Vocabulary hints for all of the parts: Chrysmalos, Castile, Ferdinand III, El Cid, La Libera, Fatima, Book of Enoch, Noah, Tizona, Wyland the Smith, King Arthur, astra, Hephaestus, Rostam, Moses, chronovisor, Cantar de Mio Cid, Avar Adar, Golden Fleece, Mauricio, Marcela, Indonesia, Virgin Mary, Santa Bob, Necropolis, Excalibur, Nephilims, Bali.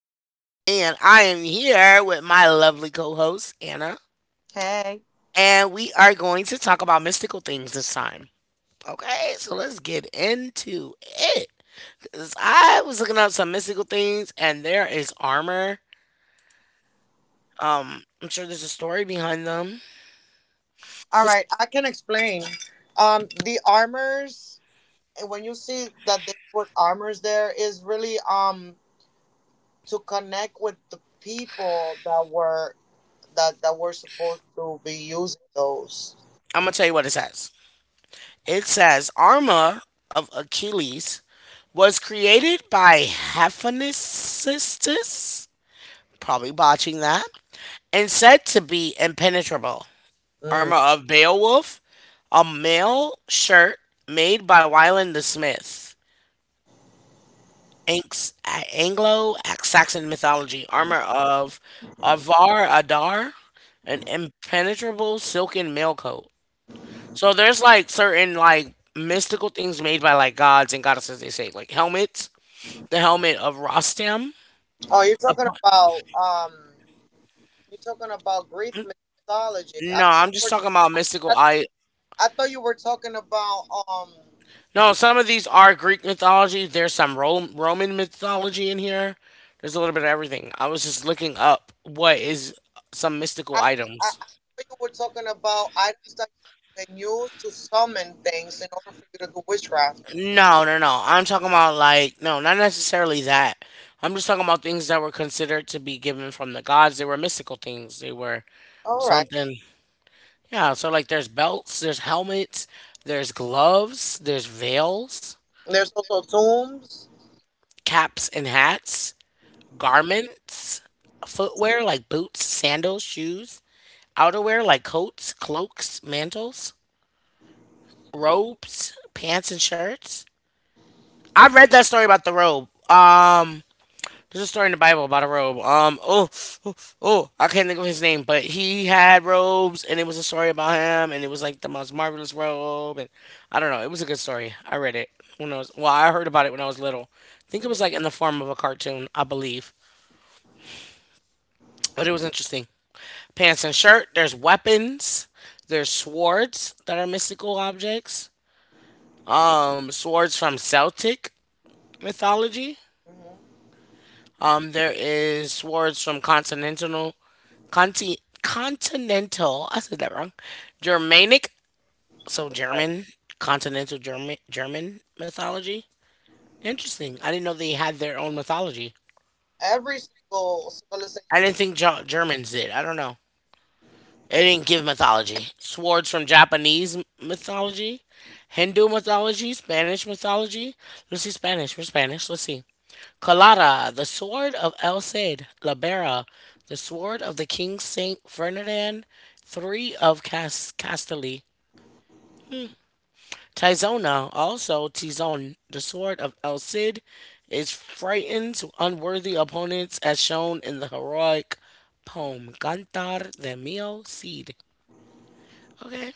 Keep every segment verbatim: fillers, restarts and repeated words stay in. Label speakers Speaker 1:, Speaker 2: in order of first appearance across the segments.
Speaker 1: Veronica, and I am here with my lovely co host, Anna,
Speaker 2: Hey.
Speaker 1: and we are going to talk about mystical things this time. Okay, so let's get into it. 'Cause I was looking up some mystical things, and there is armor. Um, I'm sure there's a story behind them.
Speaker 2: All
Speaker 1: It's-
Speaker 2: right. I can explain. Um, the armors. And When you see that they put armors there, is really um to connect with the people that were that that were supposed to be using those.
Speaker 1: I'm gonna tell you what it says. It says armor of Achilles was created by Hephaestus, probably botching that, and said to be impenetrable.
Speaker 2: Mm.
Speaker 1: Armor of Beowulf, a mail shirt made by Wyland the Smith. Anx- Anglo Saxon mythology. Armor of Avar Adar, an impenetrable silken mail coat. So there's like certain like mystical things made by like gods and goddesses. They say like helmets, the helmet of Rostam.
Speaker 2: Oh, you're talking about um, you're talking about Greek mythology. I
Speaker 1: No,
Speaker 2: thought
Speaker 1: I'm
Speaker 2: you
Speaker 1: just
Speaker 2: were,
Speaker 1: talking about mystical.
Speaker 2: I,
Speaker 1: I
Speaker 2: I thought you were talking about um.
Speaker 1: No, some of these are Greek mythology. There's some Ro- Roman mythology in here. There's a little bit of everything. I was just looking up what is some mystical
Speaker 2: I, I, I
Speaker 1: items.
Speaker 2: know you were talking about items that you can use to summon things in order for you to do witchcraft.
Speaker 1: No, no, no. I'm talking about like no, not necessarily that. I'm just talking about things that were considered to be given from the gods. They were mystical things. They were
Speaker 2: All right.
Speaker 1: something. Yeah, so like there's belts, there's helmets, there's gloves, there's veils,
Speaker 2: And there's also tombs.
Speaker 1: caps and hats, garments, footwear like boots, sandals, shoes, outerwear like coats, cloaks, mantles, robes, pants, and shirts. I read that story about the robe. Um, there's a story in the Bible about a robe. Um, oh, oh, oh, I can't think of his name, but he had robes, and it was a story about him, and it was like the most marvelous robe, and I don't know. It was a good story. I read it when I was well, I heard about it when I was little. I think it
Speaker 2: Mhm.
Speaker 1: was like in the form of a cartoon, I believe, but it was interesting. Pants and shirt. There's weapons. There's swords that are mystical objects. Um, swords from Celtic mythology.
Speaker 2: Mhm.
Speaker 1: Um, there is swords from continental, conti, continental. I said that wrong. Germanic, so
Speaker 2: Okay.
Speaker 1: German, continental German, German mythology. Interesting. I didn't know they had their own mythology.
Speaker 2: Every single civilization.
Speaker 1: I didn't think Ge- Germans did. I don't know. They didn't give mythology. Swords from Japanese mythology, Hindu mythology, Spanish mythology. Let's see Spanish. We're Spanish. Let's see. Colada, the sword of El Cid. La Libera, the sword of the King Saint Ferdinand the third of Cas- Castile. Tizona, also Tizon, the sword of El Cid, is frightened to unworthy opponents as shown in the heroic poem Cantar de Mio Cid. Okay,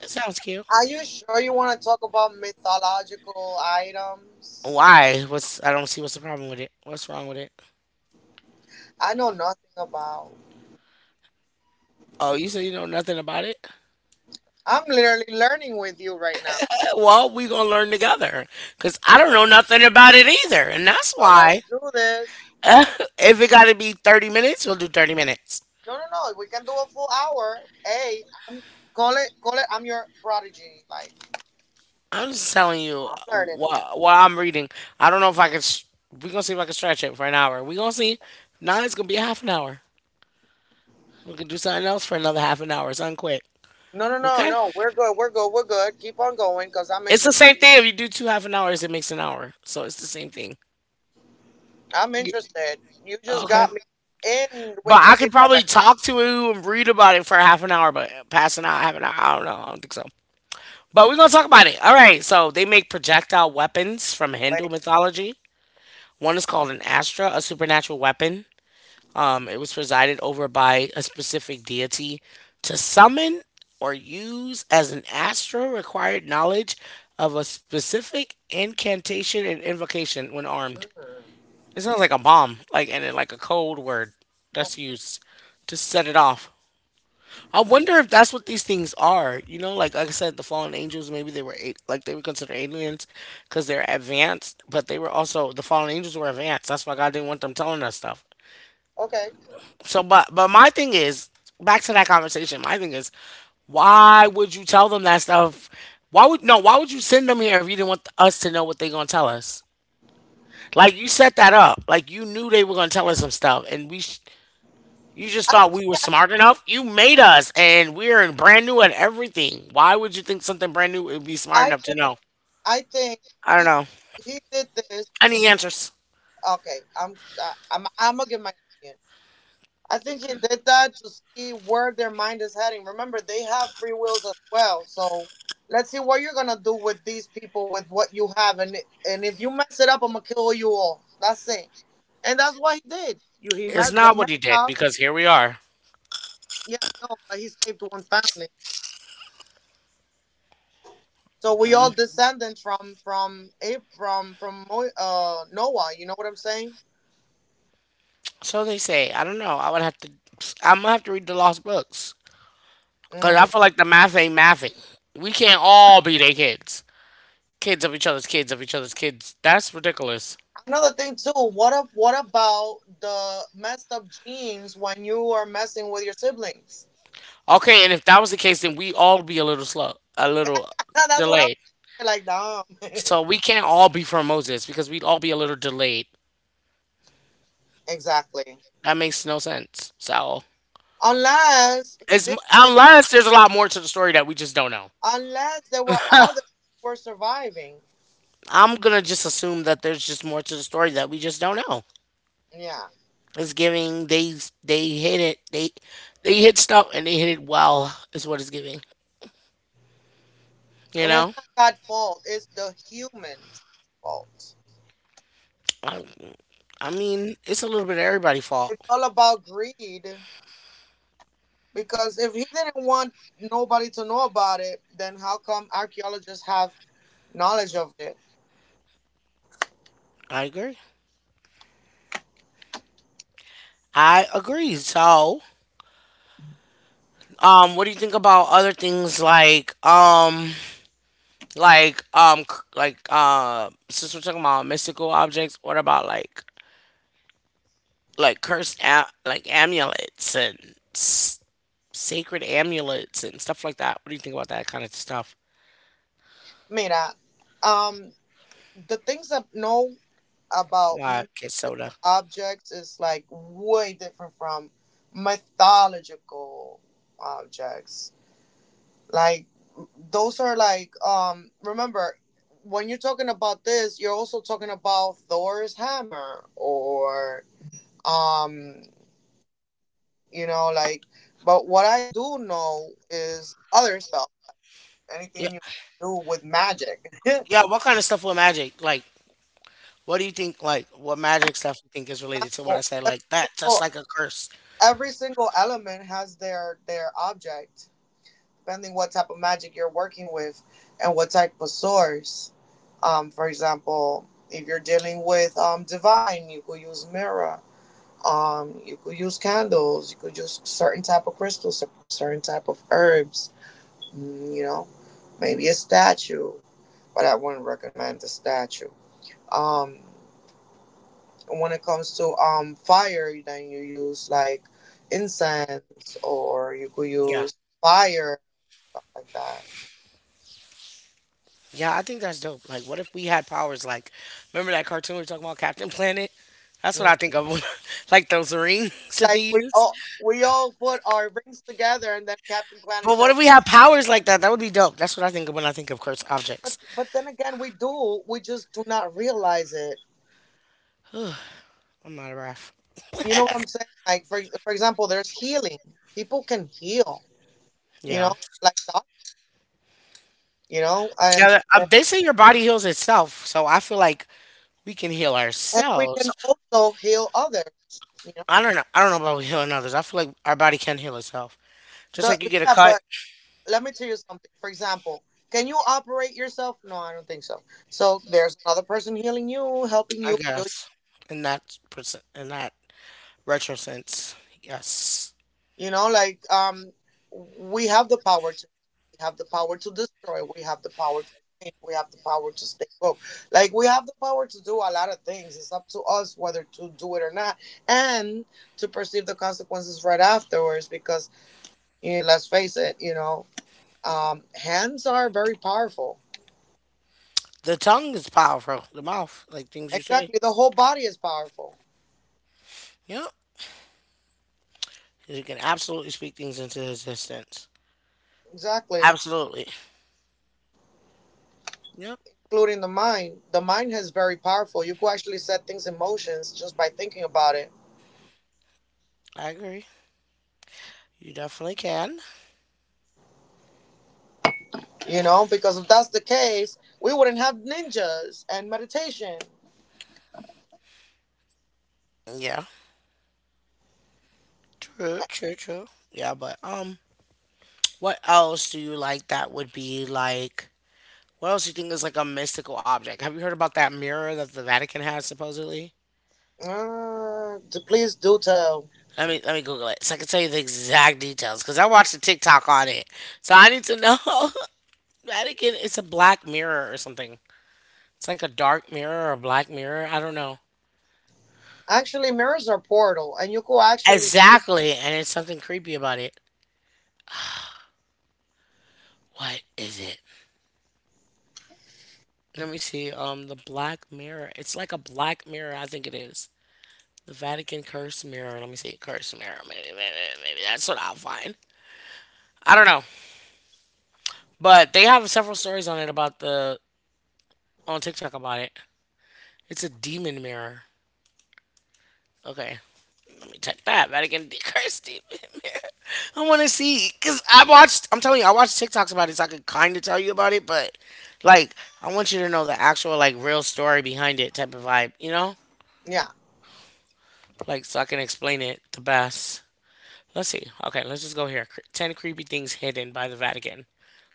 Speaker 1: that sounds cute.
Speaker 2: Are you sure you want to talk about mythological items?
Speaker 1: Why? What's I don't see what's the problem with it. What's wrong with it?
Speaker 2: I know nothing about.
Speaker 1: Oh, you say you know nothing about it?
Speaker 2: I'm literally learning with you right now.
Speaker 1: Eh, well, we gonna learn together, cause I don't know nothing about it either, and that's
Speaker 2: So let's
Speaker 1: why.
Speaker 2: do this.
Speaker 1: If it gotta be thirty minutes, we'll do thirty minutes.
Speaker 2: No, no, no. We can do a full hour. Hey, I'm call it, call it. I'm your prodigy. Like
Speaker 1: I'm just telling you
Speaker 2: I'm learning.
Speaker 1: what what I'm reading. I don't know if I can. S We gonna see if I can stretch it for an hour. We gonna see. Now it's gonna be a half an hour. We can do something else for another half an hour. Something quick.
Speaker 2: No, no, no,
Speaker 1: Okay.
Speaker 2: no. We're good. We're good. We're good. Keep on going, cause I'm
Speaker 1: It's the
Speaker 2: interested.
Speaker 1: same thing. If you do two half an hours, it makes an hour. So it's the same thing.
Speaker 2: I'm
Speaker 1: Y-
Speaker 2: interested. You just
Speaker 1: Okay.
Speaker 2: got me in
Speaker 1: But I could
Speaker 2: Wikipedia
Speaker 1: probably
Speaker 2: right now.
Speaker 1: talk to it and read about it for half an hour, but passing out half an hour, I don't know. I don't think so. But we're gonna talk about it. All right. So they make projectile weapons from Hindu
Speaker 2: Wait.
Speaker 1: mythology. One is called an astra, a supernatural weapon. Um, it was presided over by a specific deity. To summon or use as an astra required knowledge of a specific incantation and invocation when armed.
Speaker 2: Mm.
Speaker 1: It sounds like a bomb, like and then like a code word that's
Speaker 2: Mm.
Speaker 1: used to set it off. I wonder if that's what these things are. You know, like, like I said, the fallen angels, maybe they were a- like they were considered aliens because they're advanced, but they were also the fallen angels were advanced. That's why God didn't want them telling us stuff.
Speaker 2: Okay.
Speaker 1: So, but but my thing is back to that conversation. My thing is, why would you tell them that stuff? Why would no? Why would you send them here if you didn't want us to know what they gonna tell us? Like you set that up. Like you knew they were gonna tell us some stuff, and we sh- you just
Speaker 2: I
Speaker 1: thought
Speaker 2: think.
Speaker 1: we were
Speaker 2: I think.
Speaker 1: smart enough? You made us, and we're in brand new at everything. Why would you think something brand new would be smart
Speaker 2: I
Speaker 1: enough to
Speaker 2: think.
Speaker 1: know?
Speaker 2: I think
Speaker 1: I don't
Speaker 2: he
Speaker 1: know.
Speaker 2: he did this. To,
Speaker 1: Any answers?
Speaker 2: okay. I'm. I- I'm. I'm gonna give my opinion. I think he did that to see where their mind is heading. Remember, they have free wills as well. So let's see what you're gonna do with these people with what you have, and and if you mess it up, I'm gonna kill you all. That's it. And that's what he did. You he
Speaker 1: It's
Speaker 2: messed They
Speaker 1: not
Speaker 2: messed
Speaker 1: what he did
Speaker 2: up.
Speaker 1: because here we are.
Speaker 2: Yeah, no, but he saved one family. So we all descendants from from Ab- from from Mo- uh Noah. You know what I'm saying?
Speaker 1: So they say. I don't know. I would have to. I'm gonna have to read the lost books because I
Speaker 2: Mm.
Speaker 1: feel like the math ain't mathing. We can't all be their kids. Kids of each other's kids of each other's kids. That's ridiculous.
Speaker 2: Another thing too. What up? What about the messed up genes when you are messing with your siblings?
Speaker 1: Okay, and if that was the case, then we all be a little slow, a little
Speaker 2: That's what I'm
Speaker 1: delayed.
Speaker 2: saying. Like, damn.
Speaker 1: So we can't all be from Moses because we'd all be a little delayed.
Speaker 2: Exactly.
Speaker 1: That makes no sense. So,
Speaker 2: Unless he
Speaker 1: it's,
Speaker 2: did it,
Speaker 1: unless there's a lot more to the story that we just don't know.
Speaker 2: unless there were others who were surviving.
Speaker 1: I'm gonna just assume that there's just more to the story that we just don't know.
Speaker 2: Yeah.
Speaker 1: It's giving they they hit it they they hit stuff and they hit it well is what it's giving. You
Speaker 2: And it's
Speaker 1: know,
Speaker 2: not God's fault, it's the human's fault.
Speaker 1: I, I mean it's a little bit of everybody's fault.
Speaker 2: It's all about greed. Because if he didn't want nobody to know about it, then how come archaeologists have knowledge of it?
Speaker 1: I agree. I agree. So, um, what do you think about other things like um like um c- like uh since we're talking about mystical objects, what about like like cursed a- like amulets and s- sacred amulets and stuff like that. What do you think about that kind of stuff?
Speaker 2: Mira, um, the things that no about
Speaker 1: Yeah, get soda.
Speaker 2: mystical objects is like way different from mythological objects. Like those are like um remember when you're talking about this, you're also talking about Thor's hammer or um you know like but what I do know is other stuff.
Speaker 1: Yeah,
Speaker 2: Anything you do with magic.
Speaker 1: yeah. What kind of stuff with magic? Like, what do you think? Like, what magic stuff you think is related to what I said? Like that, just
Speaker 2: Well,
Speaker 1: like a curse.
Speaker 2: every single every single element has their their object depending what type of magic you're working with and what type of source. Um, for example, if you're dealing with um, divine, you could use mirror. Um, you could use candles. You could use certain type of crystals, certain type of herbs. Mm. You know, maybe a statue, but I wouldn't recommend the statue. Um, when it comes to um, fire, then you use like incense, or you could
Speaker 1: Yeah,
Speaker 2: use fire, stuff like that.
Speaker 1: yeah. I think that's dope. Like, what if we had powers? Like, remember that cartoon we were talking about, Captain Planet? That's what
Speaker 2: Mm.
Speaker 1: I think of when- like those rings that they
Speaker 2: Like we
Speaker 1: use.
Speaker 2: all we all put our rings together and then Captain Planet
Speaker 1: But what
Speaker 2: shows.
Speaker 1: if we had powers like that? That would be dope. That's what I think of when I think of cursed
Speaker 2: but
Speaker 1: objects.
Speaker 2: but then again we do, we just do not realize it,
Speaker 1: I'm not a ref.
Speaker 2: you know what I'm saying? Like for for example, there's healing. People can heal, you know,
Speaker 1: Yeah.
Speaker 2: like that, you know. and
Speaker 1: Yeah, um, they say your body heals itself, so I feel like we can heal
Speaker 2: and we can
Speaker 1: ourselves.
Speaker 2: also heal others, you know.
Speaker 1: I don't know. I don't know about healing others. I feel like our body can heal itself, just
Speaker 2: The
Speaker 1: like you get a
Speaker 2: yeah
Speaker 1: cut.
Speaker 2: but Let me tell you something. For example, can you operate yourself? No, I don't think so. So there's another person healing you, helping
Speaker 1: I
Speaker 2: you heal.
Speaker 1: guess in that percent, in that retro sense, yes.
Speaker 2: You know, like um, we have the power to, we have the power to destroy, we have the power to change, we have the power to stay woke. Like we have the power to do a lot of things. It's up to us whether to do it or not, and to perceive the consequences right afterwards. Because, you know, let's face it, you know, um, hands are very powerful.
Speaker 1: The tongue is powerful. The mouth, like things you say.
Speaker 2: Exactly, the whole body is powerful.
Speaker 1: Yep, you can absolutely speak things into existence.
Speaker 2: Exactly.
Speaker 1: Absolutely. Yep,
Speaker 2: Including the mind, the mind is very powerful. You could actually set things in motions just by thinking about it.
Speaker 1: I agree. You definitely can.
Speaker 2: You know, because if that's the case, we wouldn't have ninjas and meditation.
Speaker 1: Yeah, true, true, true. Yeah, but um, what else do you like that would be like? What else do you think is like a mystical object? Have you heard about that mirror that the Vatican has supposedly?
Speaker 2: Uh, d- please do tell.
Speaker 1: Let me let me Google it so I can tell you the exact details because I watched a TikTok on it. So I need to know. Vatican, it's a black mirror or something. It's like a dark mirror or a black mirror. I don't know
Speaker 2: Actually, mirrors are portal, and you could actually see.
Speaker 1: exactly, and it's something creepy about it. What is it? Let me see. Um, the black mirror. It's like a black mirror. I think it is. The Vatican curse mirror. Let me see. Curse mirror. Maybe, maybe, maybe that's what I'll find. I don't know. But they have several stories on it about the on TikTok about it. It's a demon mirror. Okay, let me check that. Vatican de- curse demon mirror. I want to see because I watched. I'm telling you, I watched TikToks about it, so I could kind of tell you about it. But like, I want you to know the actual like real story behind it, type of vibe. You know,
Speaker 2: Yeah.
Speaker 1: like so I can explain it the best. Let's see. Okay, let's just go here. Cre- Ten creepy things hidden by the Vatican.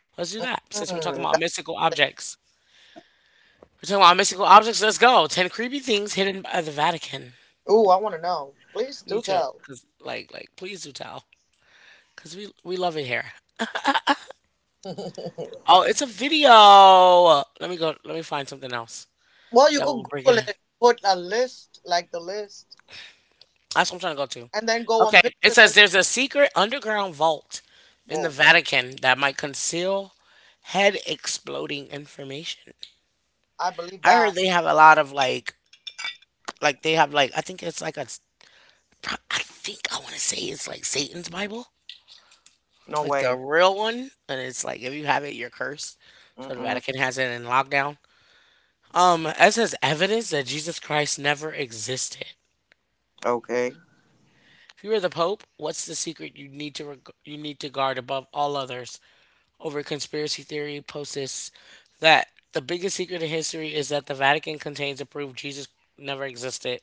Speaker 1: Let's do that since we're talking
Speaker 2: Mm,
Speaker 1: about
Speaker 2: that's
Speaker 1: mystical
Speaker 2: it.
Speaker 1: objects. We're talking about mystical objects. Let's go. Ten creepy things hidden by the Vatican.
Speaker 2: Ooh, I want to know. Please
Speaker 1: Me
Speaker 2: do
Speaker 1: too.
Speaker 2: tell.
Speaker 1: Cause like like please do tell. Cause we we love it here. Oh, it's a video. Let me go. Let me find something else
Speaker 2: Well, you
Speaker 1: that
Speaker 2: could
Speaker 1: will bring it
Speaker 2: Google
Speaker 1: in.
Speaker 2: it, put a list like the list,
Speaker 1: That's what I'm trying to go to.
Speaker 2: and then go on
Speaker 1: Okay, it
Speaker 2: pictures
Speaker 1: says
Speaker 2: and.
Speaker 1: there's a secret underground vault in the
Speaker 2: Whoa.
Speaker 1: Vatican that might conceal head exploding information.
Speaker 2: I believe
Speaker 1: I
Speaker 2: that.
Speaker 1: heard they have a lot of like like they have like I think it's like a pro- I think I want to say it's like Satan's Bible,
Speaker 2: No
Speaker 1: like the
Speaker 2: way.
Speaker 1: real one, and it's like if you have it, you're cursed. So the
Speaker 2: Mm-mm.
Speaker 1: Vatican has it in lockdown. Um, as says evidence that Jesus Christ never existed.
Speaker 2: Okay.
Speaker 1: If you were the Pope, what's the secret you need to reg- you need to guard above all others? Over conspiracy theory posts that the biggest secret in history is that the Vatican contains a proof Jesus never existed.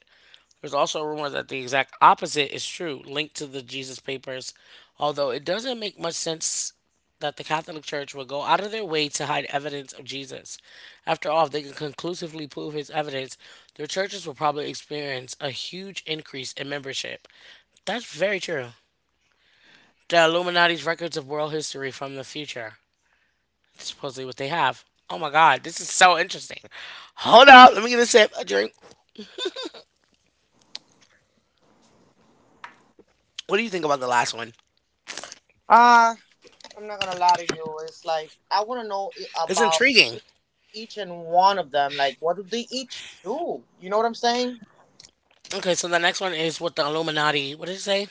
Speaker 1: There's also rumors that the exact opposite is true, linked to the Jesus Papers, although it doesn't make much sense that the Catholic Church would go out of their way to hide evidence of Jesus. After all, if they can conclusively prove his evidence, their churches will probably experience a huge increase in membership. That's very true. The Illuminati's records of world history from the future. That's supposedly what they have. Oh my god, this is so interesting. Hold up, let me get a sip, a drink. What do you think about the last one?
Speaker 2: Uh, I'm not gonna lie to you. It's like I want to know i-
Speaker 1: It's
Speaker 2: about
Speaker 1: intriguing.
Speaker 2: each and one of them. Like, what do they each do? You know what I'm saying?
Speaker 1: Okay, so the next one is with the Illuminati. What did it say?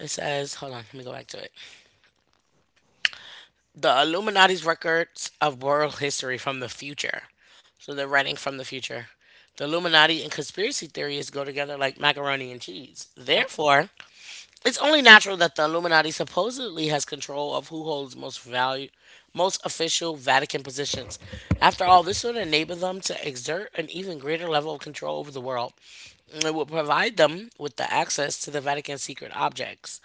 Speaker 1: It says, hold on, let me go back to it. The Illuminati's records of world history from the future. So they're writing from the future. The Illuminati and conspiracy theories go together like macaroni and cheese.
Speaker 2: Mm-mm.
Speaker 1: Therefore, it's only natural that the Illuminati supposedly has control of who holds most value, most official Vatican positions. After all, this would enable them to exert an even greater level of control over the world. It will provide them with the access to the Vatican's secret objects.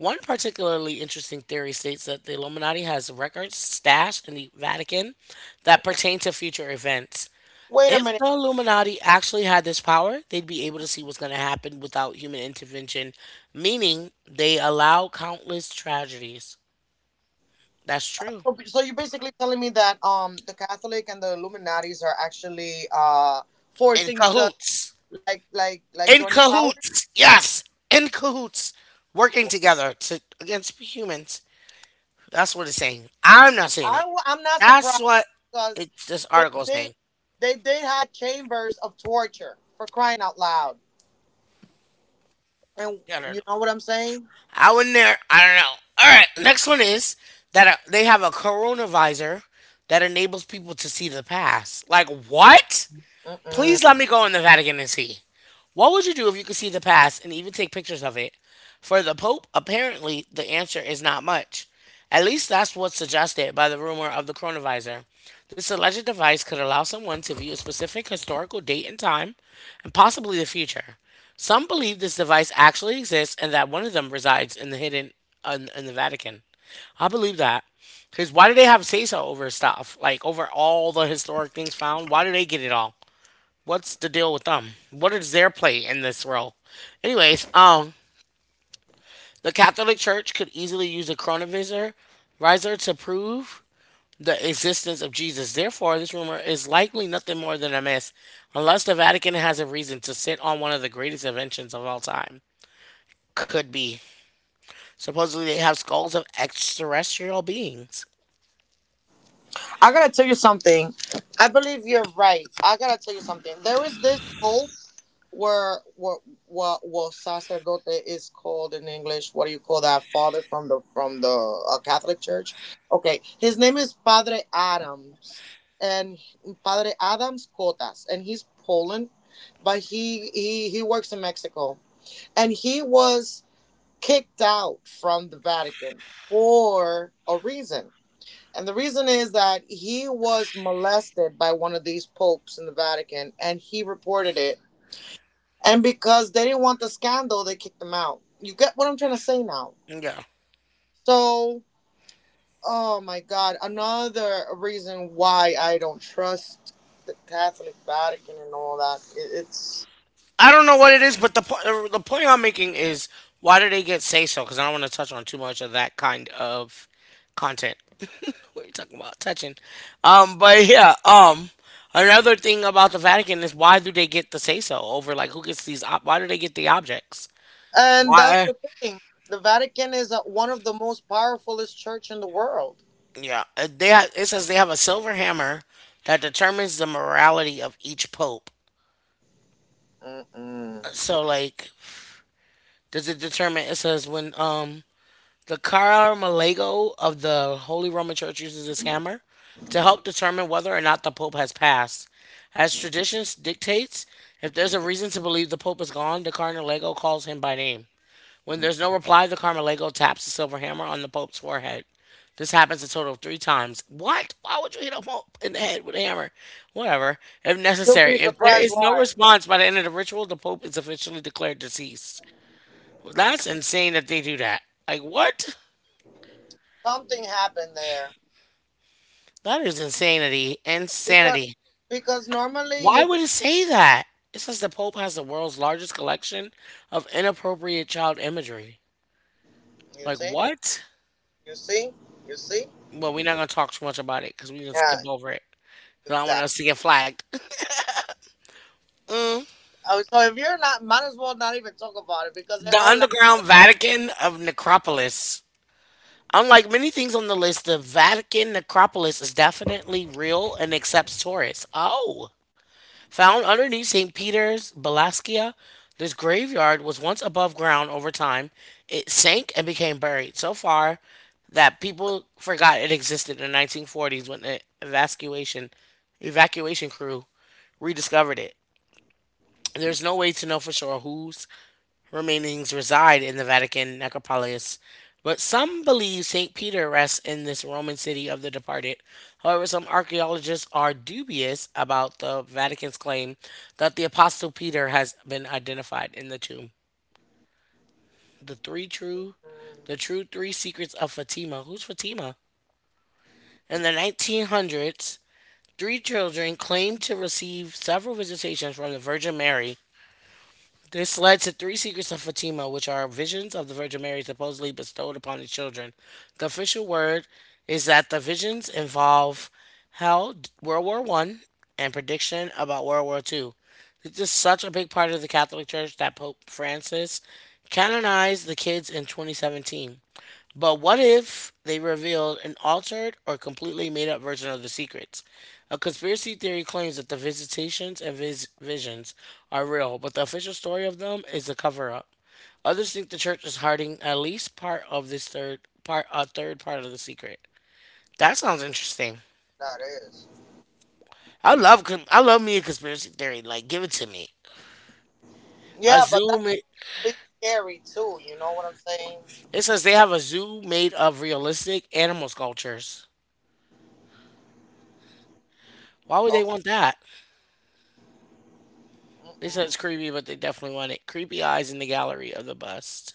Speaker 1: One particularly interesting theory states that the Illuminati has records stashed in the Vatican that pertain to future events.
Speaker 2: Wait a
Speaker 1: If
Speaker 2: minute.
Speaker 1: the Illuminati actually had this power, they'd be able to see what's going to happen without human intervention, meaning they allow countless tragedies. That's true.
Speaker 2: So so you're basically telling me that um the Catholic and the Illuminatis are actually uh
Speaker 1: In
Speaker 2: forcing the,
Speaker 1: cahoots.
Speaker 2: like like like
Speaker 1: In
Speaker 2: joining powers.
Speaker 1: cahoots. Yes. In cahoots. Working
Speaker 2: Well,
Speaker 1: together to against humans. That's what it's saying. I'm not saying
Speaker 2: I
Speaker 1: it.
Speaker 2: w- I'm not
Speaker 1: That's
Speaker 2: surprised
Speaker 1: what
Speaker 2: because
Speaker 1: it's this
Speaker 2: they
Speaker 1: article is
Speaker 2: did
Speaker 1: saying.
Speaker 2: they did had chambers of torture for crying out loud, and
Speaker 1: Yeah, no,
Speaker 2: you
Speaker 1: no.
Speaker 2: know what I'm saying?
Speaker 1: I wouldn't there. I don't know. All right. Next one is that uh, they have a coronavisor that enables people to see the past. Like what?
Speaker 2: Mm-mm.
Speaker 1: Please let me go in the Vatican and see. What would you do if you could see the past and even take pictures of it? For the Pope, apparently, the answer is not much. At least that's what's suggested by the rumor of the chronovisor. This alleged device could allow someone to view a specific historical date and time, and possibly the future. Some believe this device actually exists and that one of them resides in the hidden in, in the Vatican. I believe that. Because why do they have say so over stuff? Like over all the historic things found? Why do they get it all? What's the deal with them? What is their play in this role? Anyways, um, the Catholic Church could easily use a chronovisor visor to prove the existence of Jesus. Therefore, this rumor is likely nothing more than a myth, unless the Vatican has a reason to sit on one of the greatest inventions of all time. Could be. Supposedly, they have skulls of extraterrestrial beings.
Speaker 2: I gotta tell you something. I believe you're right. I gotta tell you something. There is this hope where what what what sacerdote is called in English. What do you call that? Father from the from the uh, Catholic Church. Okay, his name is Padre Adams, and Padre Adams Cotas, and he's Poland, but he he he works in Mexico, and he was kicked out from the Vatican for a reason. And the reason is that he was molested by one of these popes in the Vatican and he reported it, and because they didn't want the scandal, they kicked him out. You get what I'm trying to say now?
Speaker 1: Yeah.
Speaker 2: So, oh my God, another reason why I don't trust the Catholic Vatican and all that. It- It's,
Speaker 1: I don't know what it is, but the po- the point I'm making is why do they get say so? Because I don't want to touch on too much of that kind of content. What are you talking about touching? Um, but yeah. Um, another thing about the Vatican is why do they get the say so over like who gets these? Ob- why do they get the objects?
Speaker 2: and that's
Speaker 1: Why?
Speaker 2: the thing. The Vatican is uh, one of the most powerfulest church in the world.
Speaker 1: Yeah, uh, they ha- it says they have a silver hammer that determines the morality of each pope.
Speaker 2: Mm-mm.
Speaker 1: So like, does it determine? It says when um the Carmelago of the Holy Roman Church uses this hammer to help determine whether or not the Pope has passed. As tradition dictates, if there's a reason to believe the Pope is gone, the Carmelago calls him by name. When there's no reply, the Carmelago taps the silver hammer on the Pope's forehead. This happens a total of three times. What? Why would you hit a Pope in the head with a hammer? Whatever. If
Speaker 2: You'll be
Speaker 1: necessary, if there
Speaker 2: surprised
Speaker 1: is no
Speaker 2: why
Speaker 1: response by the end of the ritual, the Pope is officially declared deceased. Well, that's insane that they do that. Like, what?
Speaker 2: something happened there
Speaker 1: That is insanity.
Speaker 2: because
Speaker 1: Insanity.
Speaker 2: because normally
Speaker 1: Why
Speaker 2: you'll be,
Speaker 1: would it say that? It says the Pope has the world's largest collection of inappropriate child imagery.
Speaker 2: you
Speaker 1: Like,
Speaker 2: see
Speaker 1: what?
Speaker 2: you see you see,
Speaker 1: Well, we're not going to talk too much about it because we can
Speaker 2: yeah,
Speaker 1: skip over it. I don't want us
Speaker 2: exactly.
Speaker 1: to get flagged.
Speaker 2: Oh, so if you're not, might as well not even talk about it because they
Speaker 1: The
Speaker 2: all answer the
Speaker 1: underground
Speaker 2: same.
Speaker 1: Vatican of Necropolis. Unlike many things on the list, the Vatican Necropolis is definitely real and accepts tourists. Oh. Found underneath saint Peter's Balaskia, this graveyard was once above ground over time. It sank and became buried so far that people forgot it existed in the nineteen forties when an evacuation, evacuation crew rediscovered it. There's no way to know for sure whose remainings reside in the Vatican necropolis, but some believe saint Peter rests in this Roman city of the departed. However, some archaeologists are dubious about the Vatican's claim that the Apostle Peter has been identified in the tomb. The three true, the
Speaker 2: Mm,
Speaker 1: true three secrets of Fatima. Who's Fatima? In the nineteen hundreds, three children claimed to receive several visitations from the Virgin Mary. This led to three secrets of Fatima, which are visions of the Virgin Mary supposedly bestowed upon the children. The official word is that the visions involve hell, World War One, and prediction about World War Two. This is such a big part of the Catholic Church that Pope Francis canonized the kids in twenty seventeen. But what if they revealed an altered or completely made up version of the secrets? A conspiracy theory claims that the visitations and vis- visions are real, but the official story of them is a cover up. Others think the church is hiding at least part of this third part, a third part of the secret. That sounds interesting.
Speaker 2: that is.
Speaker 1: I love, con- I love me a conspiracy theory. Like, give it to me. A
Speaker 2: Yeah, but
Speaker 1: zoo.
Speaker 2: that can
Speaker 1: Ma-
Speaker 2: also be scary too. You know what I'm saying?
Speaker 1: it says they have a zoo made of realistic animal sculptures. Why would they
Speaker 2: Oh,
Speaker 1: want that? They said
Speaker 2: mm-mm.
Speaker 1: it's creepy, but they definitely want it. Creepy eyes in the gallery of the bust.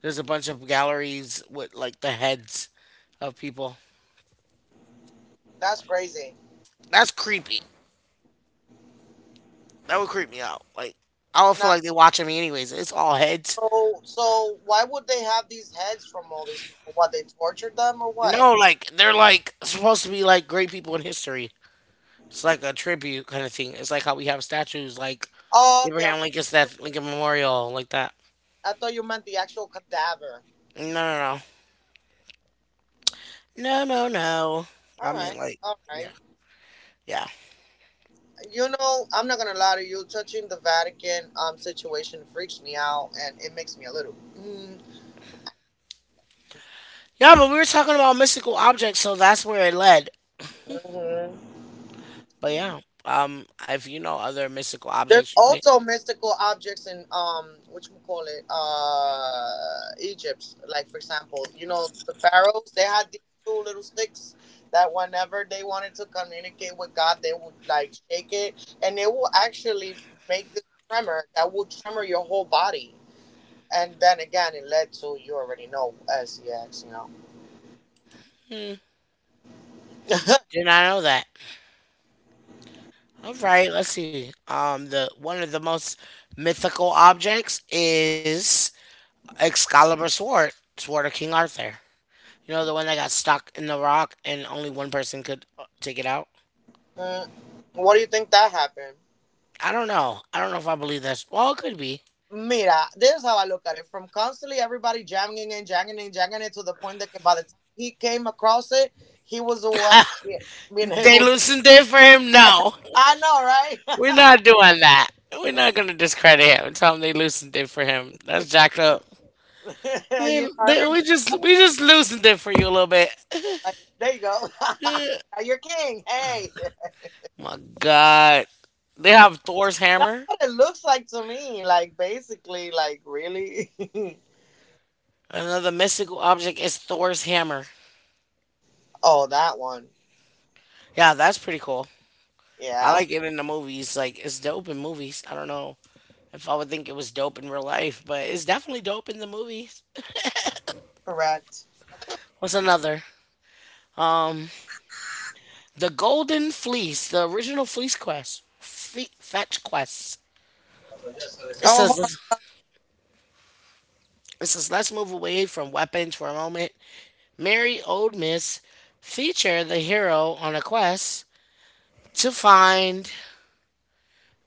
Speaker 1: There's a bunch of galleries with like the heads of people.
Speaker 2: That's crazy.
Speaker 1: That's creepy. That would creep me out. Like I would
Speaker 2: Now,
Speaker 1: feel like they're watching me anyways. It's all heads.
Speaker 2: so so why would they have these heads from all these people? What, they tortured them or what?
Speaker 1: No, like they're like supposed to be like great people in history. It's like a tribute kind of thing. It's like how we have statues like
Speaker 2: Oh, okay,
Speaker 1: Abraham
Speaker 2: okay.
Speaker 1: Lincoln's that Lincoln Memorial, like that.
Speaker 2: I thought you meant the actual cadaver.
Speaker 1: No, no, no, no, no, no.
Speaker 2: All
Speaker 1: I mean,
Speaker 2: right,
Speaker 1: like,
Speaker 2: all
Speaker 1: yeah,
Speaker 2: right.
Speaker 1: yeah,
Speaker 2: You know, I'm not gonna lie to you. Touching the Vatican um situation freaks me out, and it makes me a little.
Speaker 1: yeah. But we were talking about mystical objects, so that's where it led.
Speaker 2: Mm.
Speaker 1: But yeah, um, if you know other mystical
Speaker 2: There's
Speaker 1: objects, you may-
Speaker 2: also mystical objects in um, which we call it, uh, Egypt. Like for example, you know the pharaohs. They had these two little sticks that whenever they wanted to communicate with God, they would like shake it, and it will actually make this tremor that will tremor your whole body. And then again, it led to you already know SEX. You know,
Speaker 1: did not know that. All right, let's see. Um, the one of the most mythical objects is Excalibur sword, sword of King Arthur. You know the one that got stuck in the rock and only one person could uh, take it out.
Speaker 2: mm. What do you think that happened?
Speaker 1: I don't know. I don't know if I believe that. Well, it could be.
Speaker 2: Mira, this is how I look at it. From constantly everybody jamming and jamming and jamming it to the point that by the time he came across it, he was the one be- being
Speaker 1: They
Speaker 2: able to.
Speaker 1: loosened it for him. No,
Speaker 2: I know, right?
Speaker 1: we're not doing that. We're not gonna discredit him. And tell him they loosened it for him. That's jacked up.
Speaker 2: You
Speaker 1: We,
Speaker 2: know,
Speaker 1: they,
Speaker 2: everybody
Speaker 1: we just we just loosened it for you a little bit.
Speaker 2: like, there you go. You're king. Hey,
Speaker 1: My God, they have Thor's
Speaker 2: that's
Speaker 1: hammer.
Speaker 2: what it looks like to me. Like basically, like really.
Speaker 1: Another mystical object is Thor's hammer.
Speaker 2: Oh, that one.
Speaker 1: Yeah, that's pretty cool. I
Speaker 2: Yeah,
Speaker 1: like it in the movies. Like it's dope in movies. I don't know if I would think it was dope in real life, but it's definitely dope in the movies.
Speaker 2: correct.
Speaker 1: What's another? The Golden Fleece, the original Fleece Quest, Fe- Fetch Quest. It
Speaker 2: Oh, hold
Speaker 1: says, it says, let's move away from weapons for a moment. Merry Old Miss feature the hero on a quest to find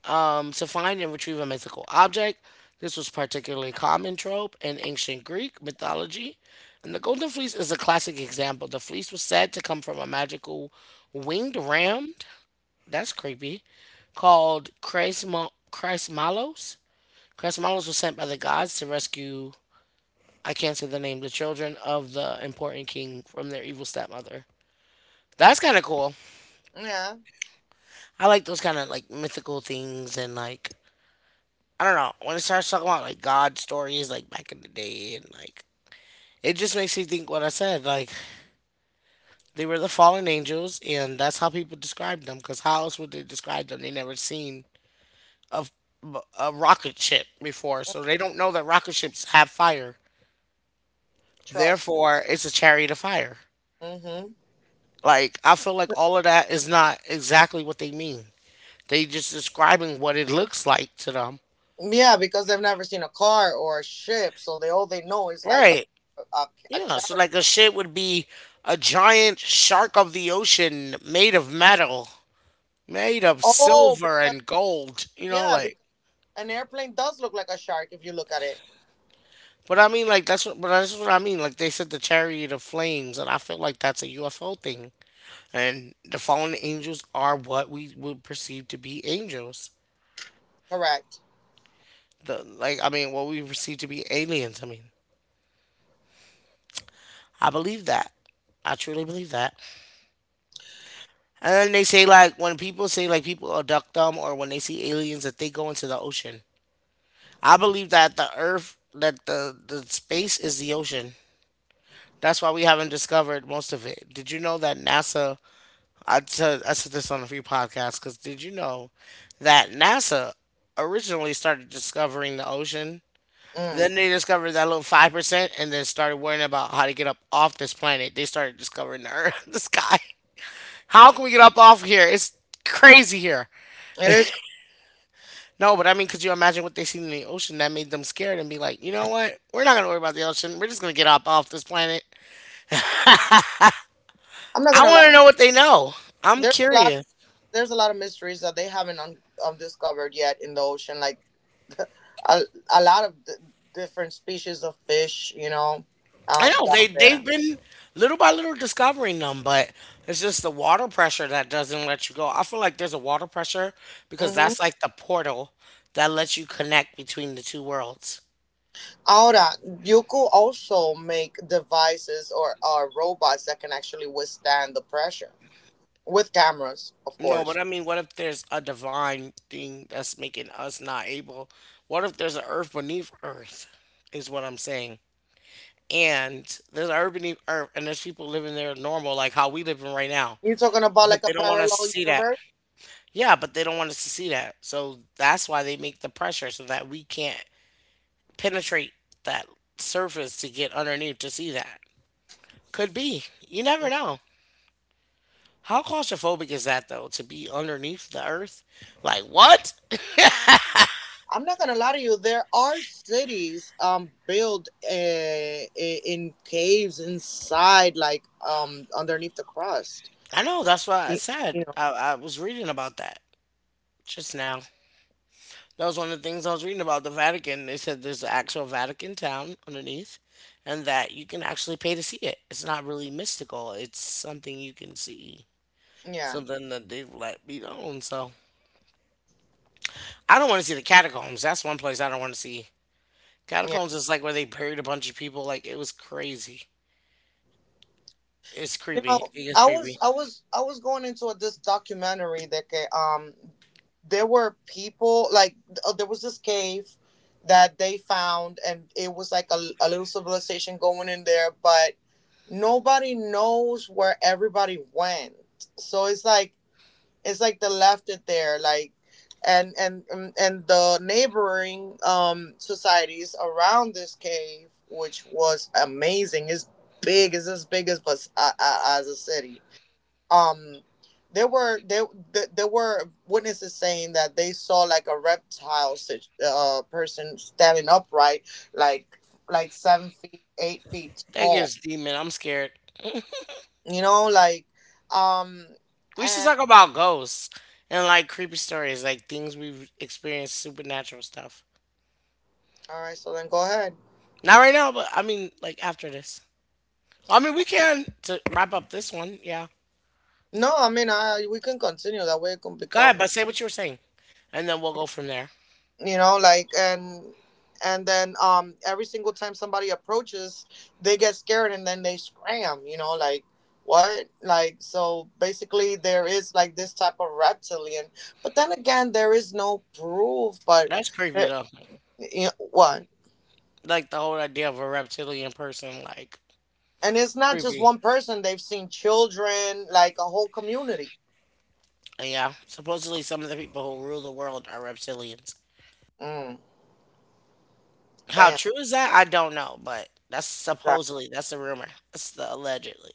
Speaker 1: um, to find and retrieve a mythical object. This was particularly common trope in ancient Greek mythology. And the golden fleece is a classic example. The fleece was said to come from a magical winged ram. That's creepy. Called Chrysmo- Chrysmalos. Chrysmalos was sent by the gods to rescue, I can't say the name, the children of the important king from their evil stepmother. That's kind of cool.
Speaker 2: on. Yeah,
Speaker 1: I like those kind of like mythical things and like I don't know when it starts talking about like God stories like back in the day and like it just makes me think what I said like they were the fallen angels and that's how people described them because how else would they describe them? They never seen a a rocket ship before, so they don't know that rocket ships have fire.
Speaker 2: trust.
Speaker 1: Therefore, it's a chariot of fire.
Speaker 2: Hmm.
Speaker 1: Like I feel like all of that is not exactly what they mean. They just describing what it looks like to them.
Speaker 2: Yeah, because they've never seen a car or a ship, so they all they know is like
Speaker 1: Right.
Speaker 2: a a, a
Speaker 1: Yeah, so
Speaker 2: chariot.
Speaker 1: like a shit would be a giant shark of the ocean made of metal, made of
Speaker 2: Oh,
Speaker 1: silver
Speaker 2: because
Speaker 1: and gold, you know,
Speaker 2: yeah,
Speaker 1: like
Speaker 2: because an airplane does look like a shark if you look at it.
Speaker 1: but I mean like that's what but that's what I mean. Like they said the chariot of flames and I feel like that's a U F O thing. And the fallen angels are what we would perceive to be angels.
Speaker 2: Correct.
Speaker 1: The Like I mean what we perceive to be aliens, I mean. I believe that. I truly believe that. And then they say like when people say like people abduct them or when they see aliens that they go into the ocean. I believe that the Earth, that the the space is the ocean. That's why we haven't discovered most of it. Did you know that NASA? I said I said this on a few podcasts. Because did you know that NASA originally started discovering the ocean?
Speaker 2: Mm,
Speaker 1: Then they discovered that little five percent, and then started worrying about how to get up off this planet. They started discovering the Earth, the sky. How can we get up off here? It's crazy here.
Speaker 2: it is. cra-
Speaker 1: No, but I mean, could you imagine what they seen in the ocean that made them scared and be like, you know what? We're not gonna worry about the ocean. We're just gonna get up off this planet.
Speaker 2: I'm not
Speaker 1: I
Speaker 2: gonna lie.
Speaker 1: want to know what they know. I'm
Speaker 2: There's a lot.
Speaker 1: curious.
Speaker 2: There's a lot of mysteries that they haven't un, um, discovered yet in the ocean. Like a, a lot of d- different species of fish. You know,
Speaker 1: I
Speaker 2: out
Speaker 1: know
Speaker 2: down
Speaker 1: they they've
Speaker 2: there.
Speaker 1: been little by little discovering them, but it's just the water pressure that doesn't let you go. I feel like there's a water pressure because
Speaker 2: Mm-hmm.
Speaker 1: that's like the portal that lets you connect between the two worlds.
Speaker 2: Ahora, you could also make devices or, or robots that can actually withstand the pressure, with cameras, of
Speaker 1: No,
Speaker 2: course.
Speaker 1: but I mean, what if there's a divine thing that's making us not able? What if there's an earth beneath earth? Is what I'm saying. and there's urban e- and there's people living there normal like how we living right now,
Speaker 2: You're talking about
Speaker 1: but
Speaker 2: like a
Speaker 1: they don't want us to
Speaker 2: parallel
Speaker 1: see that.
Speaker 2: universe.
Speaker 1: Yeah, but they don't want us to see that, so that's why they make the pressure so that we can't penetrate that surface to get underneath to see that. Could be, you never
Speaker 2: Mm,
Speaker 1: know. How claustrophobic is that though, to be underneath the earth, like what?
Speaker 2: I'm not gonna lie to you. There are cities um built uh, i- in caves inside, like um underneath the crust.
Speaker 1: I know that's what I
Speaker 2: Y-
Speaker 1: said.
Speaker 2: You know.
Speaker 1: i, I was reading about that just now. That was one of the things I was reading about the Vatican. They said there's an actual Vatican town underneath, and that you can actually pay to see it. It's not really mystical. It's something you can see,
Speaker 2: Yeah.
Speaker 1: something that they've let be known. So I don't want to see the catacombs. That's one place I don't want to see. Catacombs is like where they buried a bunch of people. Like it was crazy. It's
Speaker 2: You know,
Speaker 1: creepy. It gets
Speaker 2: I was
Speaker 1: creepy.
Speaker 2: I was I was going into a, this documentary that ca- um there were people like, uh, there was this cave that they found and it was like a, a little civilization going in there, but nobody knows where everybody went, so it's like, it's like they left it there. Like and and and and the neighboring um societies around this cave, which was amazing. It's big, it's as big as as, as a city. um there were there th- there were witnesses saying that they saw like a reptile sit- uh person standing upright, like like seven feet, eight feet
Speaker 1: That
Speaker 2: tall.
Speaker 1: gives demon. I'm scared.
Speaker 2: You know, like um
Speaker 1: We should
Speaker 2: and
Speaker 1: talk about ghosts and like creepy stories, like things we've experienced, supernatural stuff.
Speaker 2: all right, so then go ahead.
Speaker 1: Not right now, but I mean, like after this. I mean, we can to wrap up this one. Yeah.
Speaker 2: No, I mean, I we can continue that way. It can
Speaker 1: Go ahead,
Speaker 2: become,
Speaker 1: but say what you were saying, and then we'll go from there.
Speaker 2: you know, like, and and then um every single time somebody approaches, they get scared and then they scram. You know, like what? Like so, basically, there is like this type of reptilian, but then again, there is no proof. But
Speaker 1: That's creepy
Speaker 2: eh,
Speaker 1: though.
Speaker 2: you know what?
Speaker 1: Like the whole idea of a reptilian person, like
Speaker 2: And it's not just
Speaker 1: creepy.
Speaker 2: one person. They've seen children, like a whole community.
Speaker 1: Yeah. Supposedly, some of the people who rule the world are reptilians.
Speaker 2: Mm,
Speaker 1: How
Speaker 2: damn.
Speaker 1: true is that? I don't know, but that's
Speaker 2: Exactly.
Speaker 1: supposedly that's the rumor. That's the allegedly.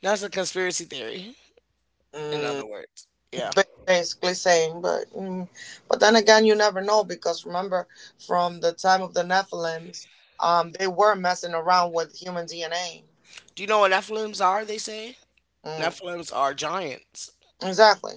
Speaker 1: That's a conspiracy theory. In other
Speaker 2: Mm.
Speaker 1: words, yeah.
Speaker 2: Ba- basically saying, but mm, but then again, you never know, because remember, from the time of the Nephilims, um they were messing around with human DNA.
Speaker 1: Do you know what Nephilims are? They say
Speaker 2: Mm,
Speaker 1: Nephilims are giants.
Speaker 2: exactly,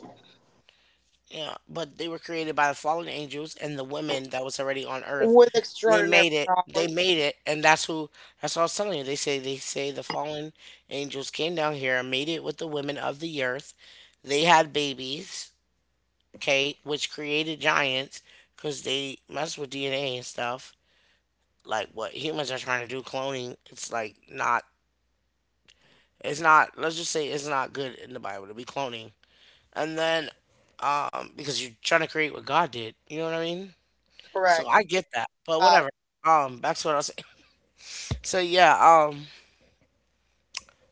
Speaker 1: Yeah, but they were created by the fallen angels and the women that was already on earth.
Speaker 2: with
Speaker 1: They
Speaker 2: extraordinary
Speaker 1: made it. They
Speaker 2: power.
Speaker 1: made it, and that's who. That's what I was telling you. They say they say the fallen angels came down here and made it with the women of the earth. They had babies, okay, which created giants because they messed with D N A and stuff. Like what humans are trying to do, cloning. It's like not. It's not. Let's just say it's not good in the Bible to be cloning. And then, um, because you're trying to create what God did. You know what I mean? So
Speaker 2: Correct.
Speaker 1: I get that, but
Speaker 2: God,
Speaker 1: whatever. Um, back to what I was saying. So yeah, um,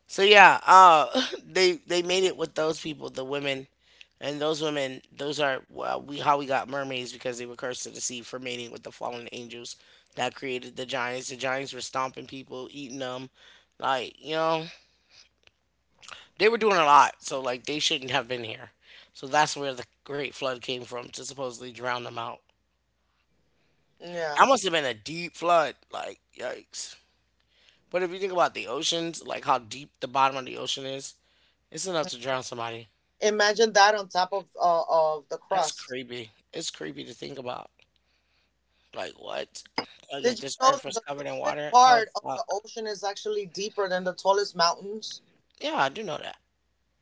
Speaker 1: so yeah, uh, they they made it with those people, the women, and those women, those are well, we how we got mermaids because they were cursed to the sea for mating with the fallen angels that created the giants. The giants were stomping people, eating them, like you know they were doing a lot. So like they shouldn't have been here. So that's where the great flood came from to supposedly drown them out.
Speaker 2: yeah.
Speaker 1: That must have been a deep flood. Like yikes. But if you think about the oceans, like how deep the bottom of the ocean is, it's enough to drown somebody.
Speaker 2: Imagine that on top of uh, of the
Speaker 1: That's
Speaker 2: crust.
Speaker 1: creepy. It's creepy to think about. Like what? Like
Speaker 2: Did
Speaker 1: if
Speaker 2: you
Speaker 1: this
Speaker 2: know
Speaker 1: earth
Speaker 2: that
Speaker 1: was
Speaker 2: the
Speaker 1: covered in
Speaker 2: deepest
Speaker 1: water, that would
Speaker 2: part of the
Speaker 1: suck.
Speaker 2: ocean is actually deeper than the tallest mountains?
Speaker 1: Yeah, I do know that.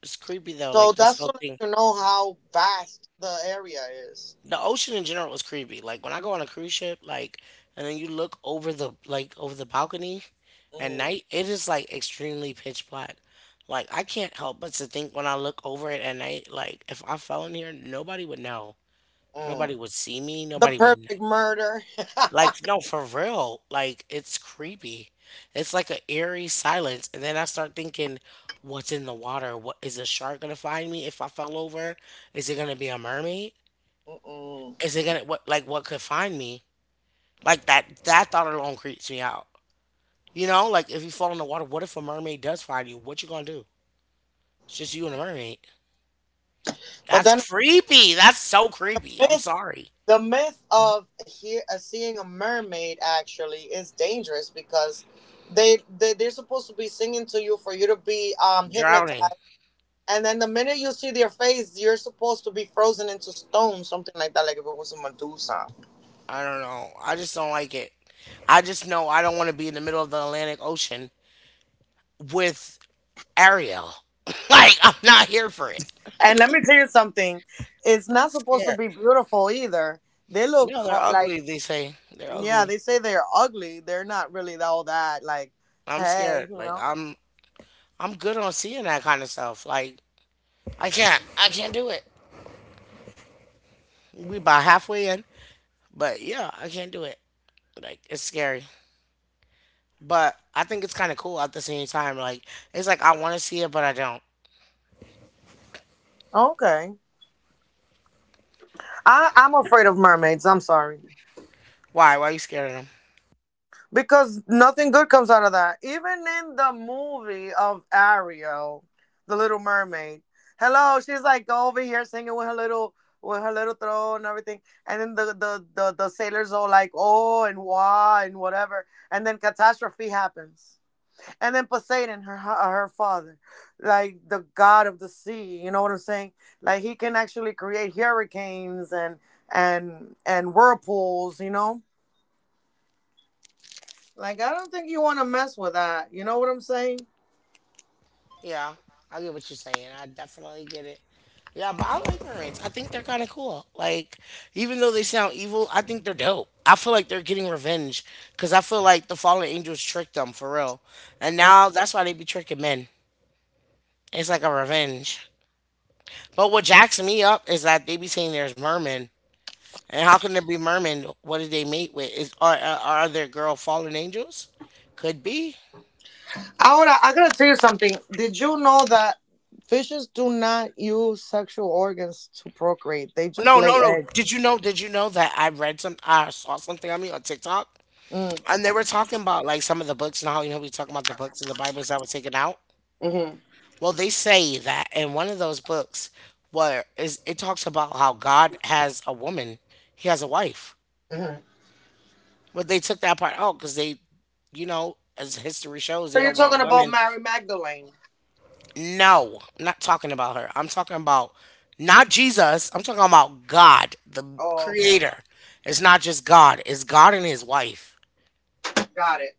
Speaker 1: It's creepy though,
Speaker 2: So
Speaker 1: like this
Speaker 2: that's to
Speaker 1: whole
Speaker 2: let
Speaker 1: thing.
Speaker 2: you know how vast the area is.
Speaker 1: The ocean in general is creepy. Like when I go on a cruise ship, like and then you look over the like over the balcony at
Speaker 2: Mm,
Speaker 1: night, it is like extremely pitch black. Like I can't help but to think when I look over it at night, like if I fell in here, nobody would know.
Speaker 2: mm.
Speaker 1: Nobody would see me,
Speaker 2: The
Speaker 1: nobody would
Speaker 2: perfect
Speaker 1: know.
Speaker 2: murder.
Speaker 1: Like, no, for real. Like, it's creepy. It's like an eerie silence. And then I start thinking, what's in the water? What is a shark gonna find me if I fell over? Is it gonna be a mermaid?
Speaker 2: Mm-mm.
Speaker 1: Is it gonna what, like what could find me? Like that, that thought alone creeps me out. You know, like if you fall in the water, what if a mermaid does find you? What you gonna do? It's just you and a mermaid.
Speaker 2: But
Speaker 1: That's
Speaker 2: then,
Speaker 1: creepy. That's so creepy. I'm
Speaker 2: myth,
Speaker 1: sorry.
Speaker 2: the myth of hear, uh, seeing a mermaid actually is dangerous, because they, they they're supposed to be singing to you for you to be um hypnotized,
Speaker 1: Drowning.
Speaker 2: and then the minute you see their face you're supposed to be frozen into stone, something like that, like if it was a Medusa.
Speaker 1: I don't know. I just don't like it. I just know I don't want to be in the middle of the Atlantic Ocean with Ariel. like I'm not here for it.
Speaker 2: And let me tell you something, it's
Speaker 1: I'm
Speaker 2: not supposed to
Speaker 1: scared.
Speaker 2: be beautiful either. They
Speaker 1: You
Speaker 2: look
Speaker 1: know they're
Speaker 2: co- like,
Speaker 1: ugly. They say they're
Speaker 2: yeah,
Speaker 1: ugly.
Speaker 2: they say they're ugly, they're not really all that, like,
Speaker 1: I'm
Speaker 2: hey,
Speaker 1: scared.
Speaker 2: you
Speaker 1: Like
Speaker 2: know.
Speaker 1: I'm I'm good on seeing that kind of stuff. Like I can't I can't do it. We about halfway in, but yeah, I can't do it. Like it's scary, but I think it's kind of cool at the same time. Like it's like I want to see it, but I don't.
Speaker 2: Okay. I, I'm afraid of mermaids. I'm sorry.
Speaker 1: Why? Why are you scared of them?
Speaker 2: Because nothing good comes out of that. Even in the movie of Ariel, The Little Mermaid, hello, she's like over here singing with her little with her little throat and everything. And then the the, the, the sailors all like, oh and wah and whatever. And then catastrophe happens. And then Poseidon, her hu- her father, like the god of the sea. You know what I'm saying? Like he can actually create hurricanes and and and whirlpools. You know, like I don't think you want to mess with that. You know what I'm saying?
Speaker 1: Yeah, I get what you're saying. I definitely get it. Yeah, but I like Marines. I think they're kind of cool. Like, even though they sound evil, I think they're dope. I feel like they're getting revenge because I feel like the fallen angels tricked them for real, and
Speaker 2: Mm.
Speaker 1: now that's why they be tricking men. It's like a revenge. But what jacks me up is that they be saying there's mermen, and how can there be mermen? What did they mate with? Is are are are their girl fallen angels? Could be.
Speaker 2: Ahora, I gotta tell you something. Did you know that fishes do not use sexual organs to procreate? They just
Speaker 1: No,
Speaker 2: lay
Speaker 1: no, no. Did you
Speaker 2: eggs.
Speaker 1: know? Did you know that I read some? I saw something on me on TikTok.
Speaker 2: Mm,
Speaker 1: And they were talking about like some of the books and how you know we talking about the books and the Bibles that were taken out.
Speaker 2: mm-hmm,
Speaker 1: Well, they say that in one of those books, where is it talks about how God has a woman, He has a wife,
Speaker 2: mm-hmm.
Speaker 1: but they took that part out because they, you know, as history shows, they
Speaker 2: So you're
Speaker 1: don't
Speaker 2: talking
Speaker 1: want
Speaker 2: about
Speaker 1: women.
Speaker 2: Mary Magdalene?
Speaker 1: No, I'm not talking about her. I'm talking about not Jesus. I'm talking about God, the
Speaker 2: Oh, okay, okay,
Speaker 1: Creator. It's not just God. It's God and His wife.
Speaker 2: got it.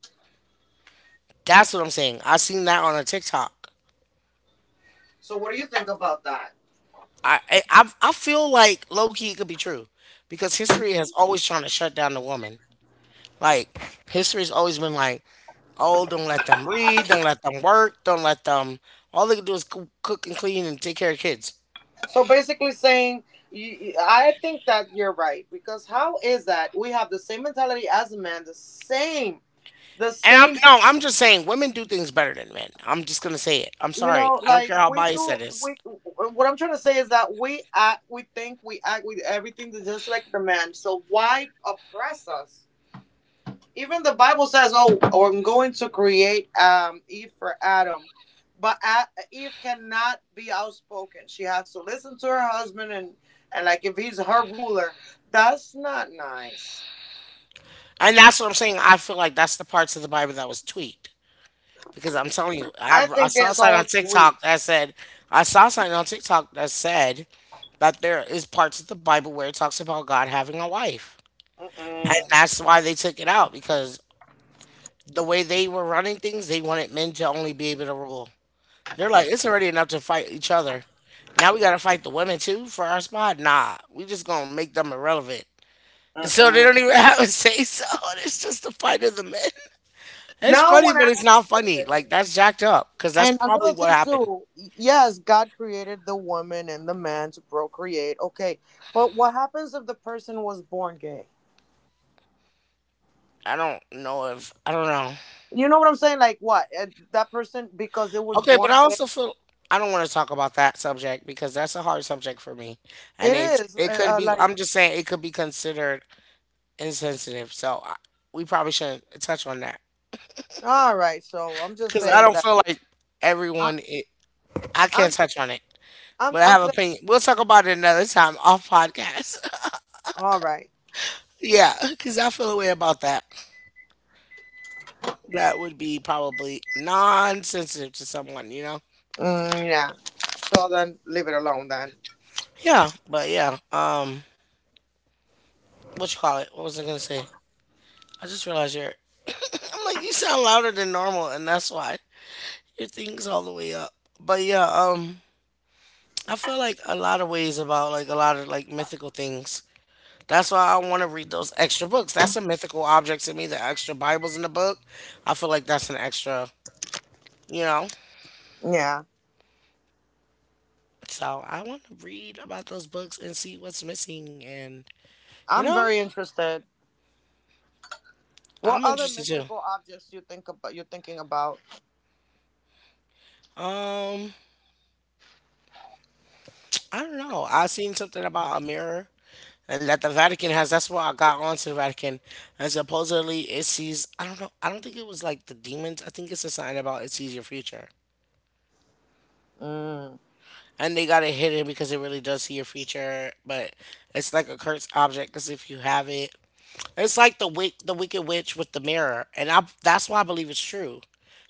Speaker 1: That's what I'm saying. I seen that on a TikTok.
Speaker 2: So what do you think about that?
Speaker 1: I I I I feel like low key it could be true because history has always trying to shut down the woman. Like history's always been like, oh, don't let them read, don't let them work, don't let them. All they can do is coo- cook and clean and take care of kids.
Speaker 2: So basically saying, you, I think that you're right, because how is that we have the same mentality as a man, the same, the
Speaker 1: And I'm
Speaker 2: same.
Speaker 1: no, I'm just saying women do things better than men. I'm just gonna say it. I'm
Speaker 2: You
Speaker 1: sorry.
Speaker 2: know,
Speaker 1: I don't
Speaker 2: like
Speaker 1: care how
Speaker 2: we
Speaker 1: biased
Speaker 2: do.
Speaker 1: that is.
Speaker 2: We, what I'm trying to say is that we act, we think, we act with everything that's just like the man. So why oppress us? Even the Bible says, "Oh, I'm going to create um, Eve for Adam," but uh, Eve cannot be outspoken. She has to listen to her husband, and and like if he's her ruler, that's not nice.
Speaker 1: And that's what I'm saying. I feel like that's the parts of the Bible that was tweaked. Because I'm telling you, I,
Speaker 2: I
Speaker 1: I
Speaker 2: think
Speaker 1: saw
Speaker 2: it's
Speaker 1: something on
Speaker 2: all sweet.
Speaker 1: TikTok that said, I saw something on TikTok that said, that there is parts of the Bible where it talks about God having a wife. And
Speaker 2: Mm-mm,
Speaker 1: that's why they took it out because the way they were running things, they wanted men to only be able to rule. They're like, it's already enough to fight each other. Now we gotta fight the women too for our spot? Nah, we just gonna make them irrelevant. So they
Speaker 2: mm-mm.
Speaker 1: don't even have a say so. It's just the fight of the men. It's
Speaker 2: Now,
Speaker 1: funny,
Speaker 2: when I,
Speaker 1: but it's not funny. Like, that's jacked up because that's
Speaker 2: and
Speaker 1: probably
Speaker 2: another
Speaker 1: what
Speaker 2: thing
Speaker 1: happened.
Speaker 2: too, yes, God created the woman and the man to procreate. Okay, but what happens if the person was born gay?
Speaker 1: I don't know if I don't know.
Speaker 2: You know what I'm saying? Like what? Uh, That person, because it was
Speaker 1: Okay, but I
Speaker 2: born.
Speaker 1: also feel I don't want to talk about that subject because that's a hard subject for me, and
Speaker 2: It
Speaker 1: it's
Speaker 2: is
Speaker 1: it
Speaker 2: uh,
Speaker 1: could
Speaker 2: uh,
Speaker 1: be.
Speaker 2: like,
Speaker 1: I'm just saying it could be considered insensitive, so I, we probably shouldn't touch on that
Speaker 2: all right. So I'm just
Speaker 1: because I
Speaker 2: saying
Speaker 1: don't
Speaker 2: that.
Speaker 1: feel like
Speaker 2: I,
Speaker 1: everyone. It, I can't
Speaker 2: I'm
Speaker 1: touch on it,
Speaker 2: I'm
Speaker 1: but I
Speaker 2: I'm
Speaker 1: have
Speaker 2: saying,
Speaker 1: opinion. We'll talk about it another time off podcast.
Speaker 2: all right.
Speaker 1: Yeah, because I feel a way about that. That would be probably non-sensitive to someone, you know.
Speaker 2: Mm, yeah. So then leave it alone then.
Speaker 1: Yeah, but yeah. Um, what you call it? What was I gonna say? I just realized you're. I'm like, you sound louder than normal, and that's why your thing's all the way up. But yeah, um, I feel like a lot of ways about like a lot of like mythical things. That's why I want to read those extra books. That's a mythical object to me. The extra Bibles in the book, I feel like that's an extra, you know.
Speaker 2: Yeah.
Speaker 1: So I want to read about those books and see what's missing, and you
Speaker 2: I'm
Speaker 1: know,
Speaker 2: very interested. What
Speaker 1: I'm
Speaker 2: other
Speaker 1: interested too.
Speaker 2: mystical objects you think about? You're thinking about?
Speaker 1: Um, I don't know. I seen something about a mirror and that the Vatican has. That's why I got onto the Vatican, and supposedly it sees. I don't know. I don't think it was like the demons. I think it's a sign about it sees your future,
Speaker 2: Mm,
Speaker 1: and they got it hidden because it really does see your future. But it's like a cursed object because if you have it, it's like the wick, the Wicked Witch with the mirror, and I. That's why I believe it's true.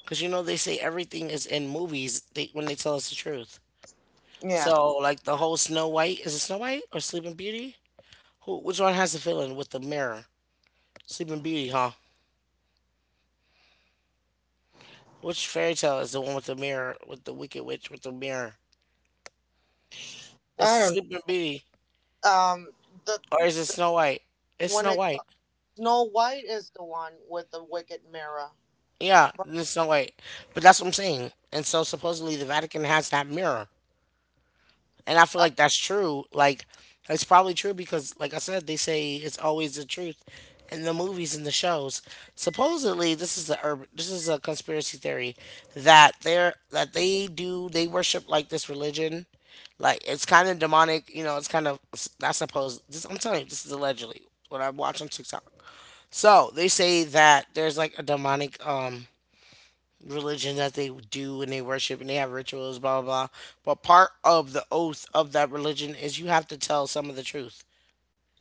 Speaker 1: Cause you know they say everything is in movies they, when they tell us the truth.
Speaker 2: yeah.
Speaker 1: So like the whole Snow White, is it Snow White or Sleeping Beauty? Who which one has the feeling with the mirror? Sleeping Beauty, huh? Which fairy tale is the one with the mirror, with the wicked witch with the mirror? It's
Speaker 3: I don't
Speaker 1: Sleeping Beauty,
Speaker 3: know. Um, the,
Speaker 1: or is it
Speaker 3: the
Speaker 1: Snow White? It's
Speaker 3: when
Speaker 1: Snow
Speaker 3: it
Speaker 1: White.
Speaker 3: Snow White is the one with the wicked mirror.
Speaker 1: Yeah, it's Snow White. But that's what I'm saying. And so supposedly the Vatican has that mirror. And I feel
Speaker 3: I,
Speaker 1: like that's true. Like, it's probably true because like I said, they say it's always the truth in the movies and the shows. Supposedly this is a urban, this is a conspiracy theory that they're that they do they worship like this religion. Like, it's kind of demonic, you know, it's kind of I suppose this, I'm telling you, this is allegedly what I watch on TikTok. So they say that there's like a demonic um religion that they do and they worship and they have rituals, blah, blah, blah. But part of the oath of that religion is you have to tell some of the truth.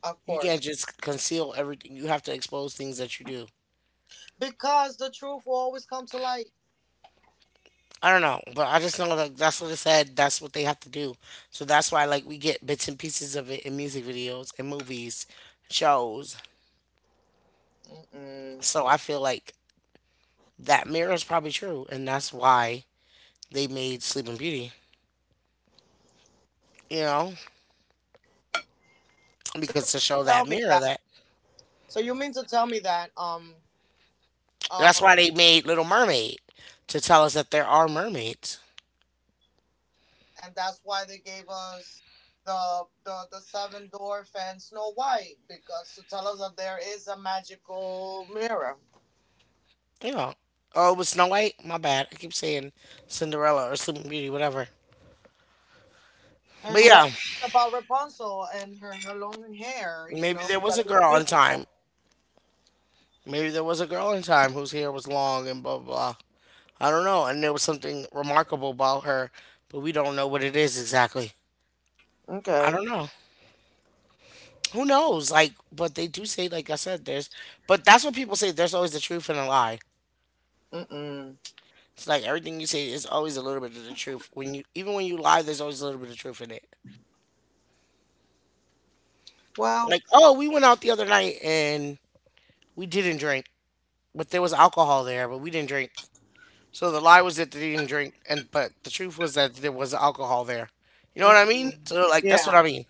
Speaker 3: of
Speaker 1: You can't
Speaker 3: course,
Speaker 1: just conceal everything. You have to expose things that you do.
Speaker 3: because the truth will always come to light.
Speaker 1: I don't know, but I just know like that's what it said. That's what they have to do. So that's why like we get bits and pieces of it in music videos and movies, shows.
Speaker 3: Mm-mm.
Speaker 1: So I feel like that mirror is probably true, and that's why they made Sleeping Beauty. You know,
Speaker 3: So you
Speaker 1: because to show
Speaker 3: mean to
Speaker 1: that
Speaker 3: tell me
Speaker 1: mirror
Speaker 3: that?
Speaker 1: that
Speaker 3: So you mean to tell me that? Um,
Speaker 1: That's
Speaker 3: um,
Speaker 1: why they made Little Mermaid to tell us that there are mermaids.
Speaker 3: and that's why they gave us the the the seven dwarf and Snow White because to tell us that there is a magical mirror.
Speaker 1: Yeah. Oh, it was Snow White. My bad. I keep saying Cinderella or Sleeping Beauty, whatever. But
Speaker 3: And what
Speaker 1: yeah,
Speaker 3: about Rapunzel and her her long hair? You
Speaker 1: maybe
Speaker 3: know
Speaker 1: there was
Speaker 3: that
Speaker 1: a
Speaker 3: it was
Speaker 1: girl in time.
Speaker 3: mystical.
Speaker 1: Maybe there was a girl in time whose hair was long and blah blah blah. I don't know. And there was something remarkable about her, but we don't know what it is exactly. I
Speaker 3: Okay.
Speaker 1: don't know. Who knows? Like, but they do say, like I said, there's, but that's what people say. There's always the truth and a lie.
Speaker 3: Mm-mm.
Speaker 1: It's like everything you say is always a little bit of the truth. When you even when you lie, there's always a little bit of truth in it.
Speaker 3: Well,
Speaker 1: Like, oh, we went out the other night and we didn't drink, but there was alcohol there, but we didn't drink. So the lie was that they didn't drink, and but the truth was that there was alcohol there. You know what I mean?
Speaker 3: mm-mm.
Speaker 1: So like that's what
Speaker 3: Yeah.
Speaker 1: I mean.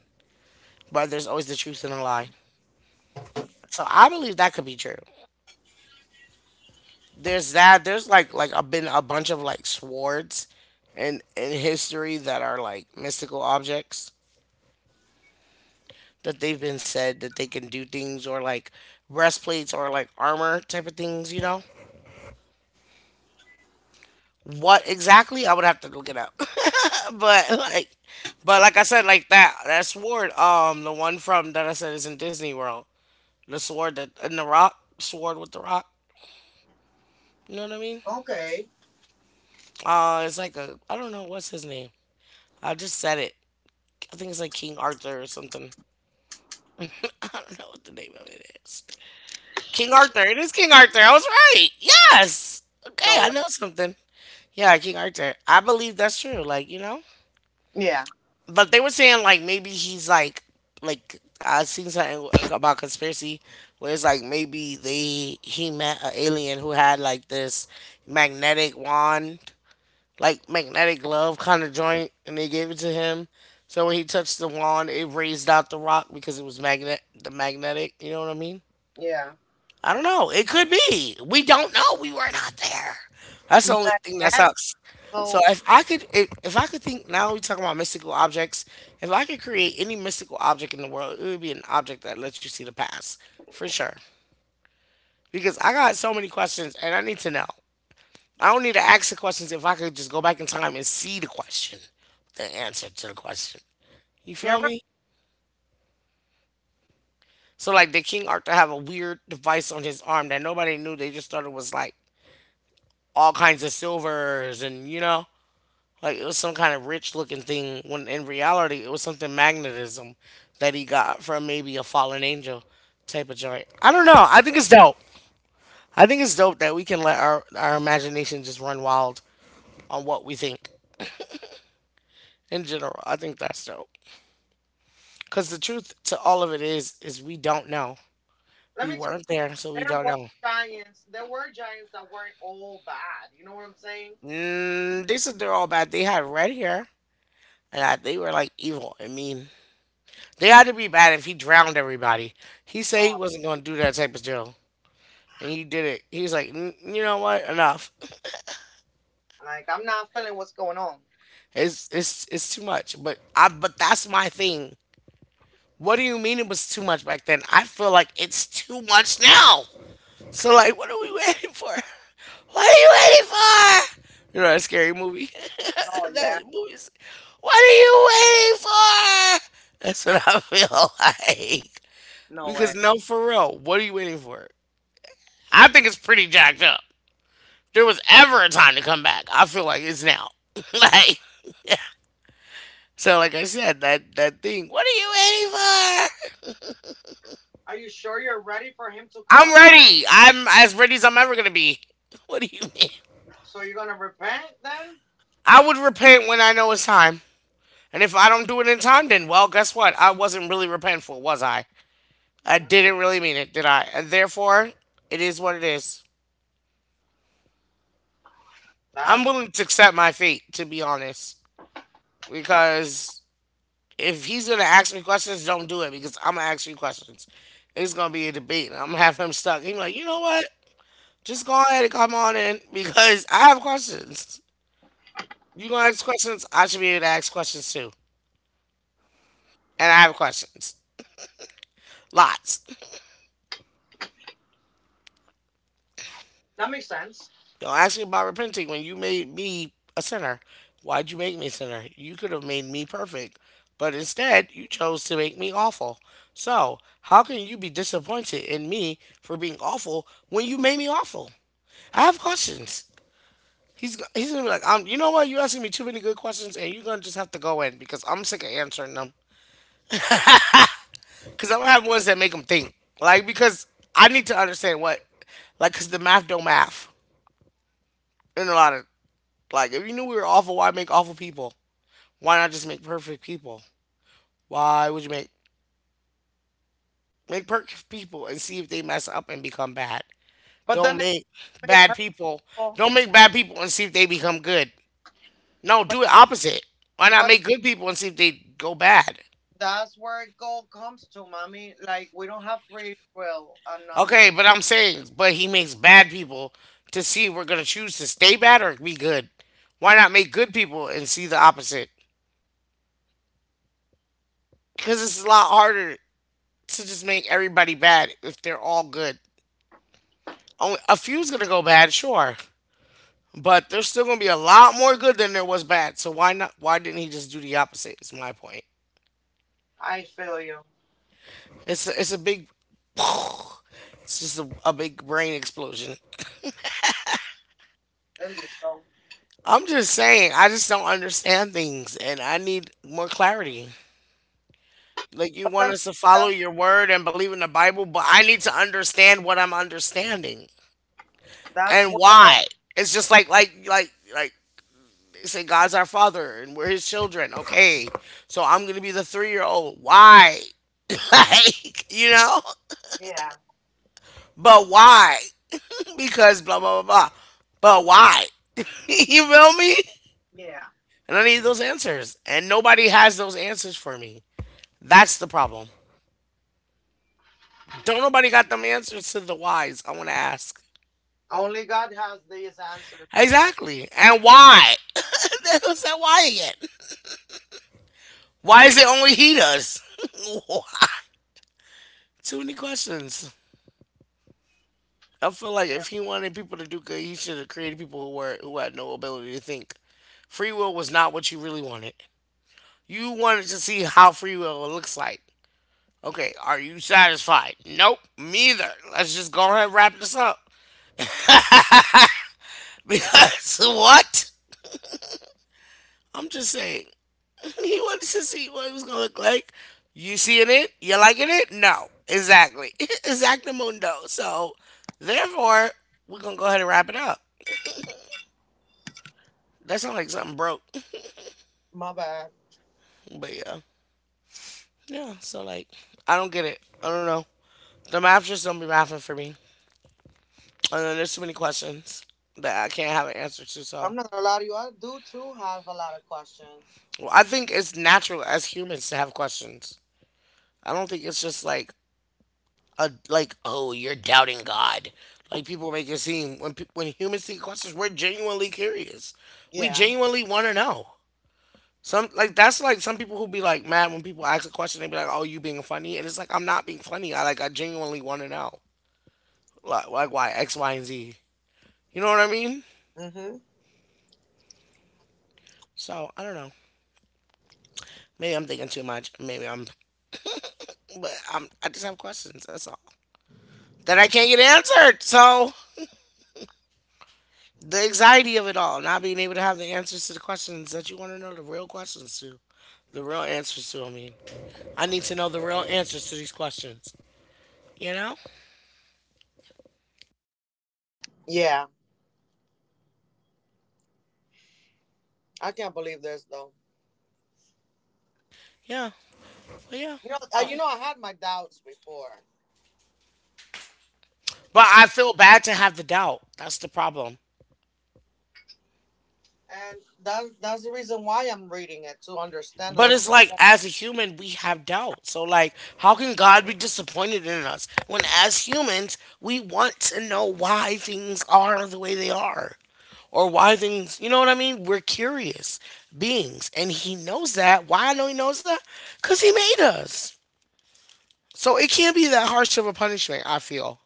Speaker 1: But there's always the truth in a lie. So I believe that could be true. There's that. There's like like I been a bunch of like swords, in in history that are like mystical objects, that they've been said that they can do things, or like breastplates or like armor type of things, you know? What exactly? I would have to look it up. But like, but like I said, like that that sword, um the one from that I said is in Disney World. The sword that in the rock, sword with the rock. You know what I mean?
Speaker 3: Okay.
Speaker 1: Uh, it's like a I don't know what's his name. I just said it. I think it's like King Arthur or something. I don't know what the name of it is. King Arthur. It is King Arthur. I was right. Yes. Okay,
Speaker 3: No
Speaker 1: I
Speaker 3: way.
Speaker 1: know something. Yeah, King Arthur. I believe that's true. Like, you know,
Speaker 3: Yeah.
Speaker 1: but they were saying like maybe he's like like I seen something about conspiracy where it's like maybe they he met an alien who had like this magnetic wand, like magnetic glove kind of joint, and they gave it to him. So when he touched the wand, it raised out the rock because it was magnet the magnetic. You know what I mean?
Speaker 3: Yeah.
Speaker 1: I don't know. It could be. We don't know. We were not there. That's the only thing that
Speaker 3: Magnetic.
Speaker 1: sucks. So
Speaker 3: So
Speaker 1: if I could, if, if I could think now, we talk about mystical objects. If I could create any mystical object in the world, it would be an object that lets you see the past for sure. Because I got so many questions and I need to know. I don't need to ask the questions if I could just go back in time and see the question, the answer to the question. You
Speaker 3: you're
Speaker 1: feel
Speaker 3: right.
Speaker 1: me? So like, the King Arthur have a weird device on his arm that nobody knew? They just thought it was like all kinds of silvers and you know like it was some kind of rich looking thing when in reality it was something magnetism that he got from maybe a fallen angel type of joint. I don't know. I think it's dope. I think it's dope that we can let our our imagination just run wild on what we think. In general, I think that's dope, because the truth to all of it is is we don't know.
Speaker 3: Let
Speaker 1: We
Speaker 3: me tell you,
Speaker 1: weren't there, so we
Speaker 3: there
Speaker 1: don't
Speaker 3: were
Speaker 1: know.
Speaker 3: giants. There were giants that weren't all bad. You know what I'm saying?
Speaker 1: Mm, they said they're all bad, they had red hair and I, they were like evil and mean. They had to be bad if he drowned everybody. He said he
Speaker 3: Oh,
Speaker 1: wasn't going to do that type of drill, and he did it. He was like, "N- you know what? Enough.
Speaker 3: like I'm not feeling what's going on.
Speaker 1: It's it's it's too much. But I but that's my thing. What do you mean it was too much back then? I feel like it's too much now. So like, what are we waiting for? What are you waiting for? You know that scary movie.
Speaker 3: Oh,
Speaker 1: That
Speaker 3: yeah.
Speaker 1: movie's. What are you waiting for? That's what I feel like.
Speaker 3: No
Speaker 1: Because
Speaker 3: way.
Speaker 1: no, for real, what are you waiting for? I think it's pretty jacked up. If there was ever a time to come back. I feel like it's now. Like, so, like I said, that that thing. What are you waiting for?
Speaker 3: Are you sure you're ready for him to come?
Speaker 1: I'm ready. I'm as ready as I'm ever gonna be. What do you mean?
Speaker 3: So you're gonna repent then?
Speaker 1: I would repent when I know it's time. And if I don't do it in time, then well, guess what? I wasn't really repentful, was I? I
Speaker 3: Mm,
Speaker 1: didn't really mean it, did I? And therefore, it is what it is. I'm
Speaker 3: that's
Speaker 1: willing to accept my fate, to be honest, because if he's gonna ask me questions, don't do it because I'm gonna ask you questions. It's gonna be a debate. I'm gonna have him stuck. He's like, you know what? Just go ahead and come on in because I have questions. You gonna
Speaker 3: correct.
Speaker 1: ask questions? I should be able to ask questions too, and I have questions, lots.
Speaker 3: That makes sense.
Speaker 1: Don't ask me about repenting when you made me a sinner. Why'd you make me a sinner? You could have made me perfect, but instead you chose to make me awful. So how can you be disappointed in me for being awful when you made me awful? I have questions. He's he's gonna be like, um, you know what? You're asking me too many good questions, and you're gonna just have to go in because I'm sick of answering them. Because I'm gonna have ones that make them think, like, because I need to understand what, like, because the math don't math in a lot of, like. If you knew we were awful, why make awful people? Why not just make perfect people? Why would you make make perfect people and see if they mess up and become bad?
Speaker 3: But
Speaker 1: Don't
Speaker 3: then it
Speaker 1: make
Speaker 3: can make
Speaker 1: bad people.
Speaker 3: purple.
Speaker 1: Don't make bad people and see if they become good. No, do it opposite. Why not
Speaker 3: But
Speaker 1: make good people and see if they go bad?
Speaker 3: that's where gold comes to, mommy. Like we don't have free will. Another one.
Speaker 1: Okay, but I'm saying, but he makes bad people to see we're gonna choose to stay bad or be good. Why not make good people and see the opposite? Because it's a lot harder to just make everybody bad if they're all good. Only a few's gonna go bad, sure, but there's still gonna be a lot more good than there was bad. So why not? Why didn't he just do the opposite? Is my point.
Speaker 3: I feel you.
Speaker 1: It's a, it's a big, it's just a, a big brain explosion.
Speaker 3: Indeed, though.
Speaker 1: I'm just saying, I just don't understand things, and I need more clarity. Like you
Speaker 3: But then
Speaker 1: want
Speaker 3: again,
Speaker 1: us to follow
Speaker 3: that's
Speaker 1: your word and believe in the Bible, but I need to understand what I'm understanding
Speaker 3: that's
Speaker 1: and
Speaker 3: where.
Speaker 1: why. It's just like like like like they say God's our father and we're his children. Okay. So I'm gonna be the three year old. Why? like, you know?
Speaker 3: Yeah,
Speaker 1: But why? Because blah blah blah blah. But why? you feel me?
Speaker 3: yeah.
Speaker 1: And I need those answers. And nobody has those answers for me. That's the problem. Don't nobody got them answers to the whys I wanna ask.
Speaker 3: Only God has these answers.
Speaker 1: Exactly. And why? That's that why again. Why is it only he does? Why? Too many questions. I feel like
Speaker 3: Yeah.
Speaker 1: if he wanted people to do good, he should have created people who were who had no ability to think. Free will was not what you really wanted. You wanted to see how free will looks like. Okay, are you satisfied? Nope, me either. Let's just go ahead and wrap this up.
Speaker 3: Yep.
Speaker 1: Because what? I'm just saying, he wants to see what it was gonna look like. You seeing it? You liking it? No. Exactly. Exactamundo. So therefore, we're gonna go ahead and wrap it up. That sounds like something broke.
Speaker 3: My bad.
Speaker 1: But yeah. Yeah. So like, I don't get it. I don't know. The math just don't be mathing for me. And then there's too many questions that I can't have an answer to. So
Speaker 3: I'm not gonna lie to you. I do too have a lot of questions.
Speaker 1: well, I think it's natural as humans to have questions. I don't think it's just like a, like, oh, you're doubting God, like people make it seem. When pe- when humans see questions, we're genuinely curious, we
Speaker 3: Yeah.
Speaker 1: genuinely want to know. Some like, that's like, some people who be like mad when people ask a question, they be like, oh, you being funny, and it's like, I'm not being funny, I like, I genuinely want to know, like, like why X, Y, and Z, you know what I mean?
Speaker 3: Mhm.
Speaker 1: So I don't know, maybe I'm thinking too much, maybe I'm, but I'm, I just have questions, that's all, that I can't get answered. So the anxiety of it all, not being able to have the answers to the questions that you want to know, the real questions to, the real answers to. I mean, I need to know the real answers to these questions. You know?
Speaker 3: Yeah. I can't believe this though.
Speaker 1: Yeah. But yeah.
Speaker 3: You know. Uh,
Speaker 1: Uh,
Speaker 3: you know. I had my doubts before,
Speaker 1: But I feel bad to have the doubt. That's the problem.
Speaker 3: and that's that's the reason why I'm reading it to understand a
Speaker 1: But
Speaker 3: little
Speaker 1: it's like, as a human, we have doubt. So, like, how can God be disappointed in us when, as humans, we want to know why things are the way they are? Or why things, you know what I mean? We're curious beings. And he knows that. Why I know he knows that? Because he made us. So, it can't be that harsh of a punishment, I feel.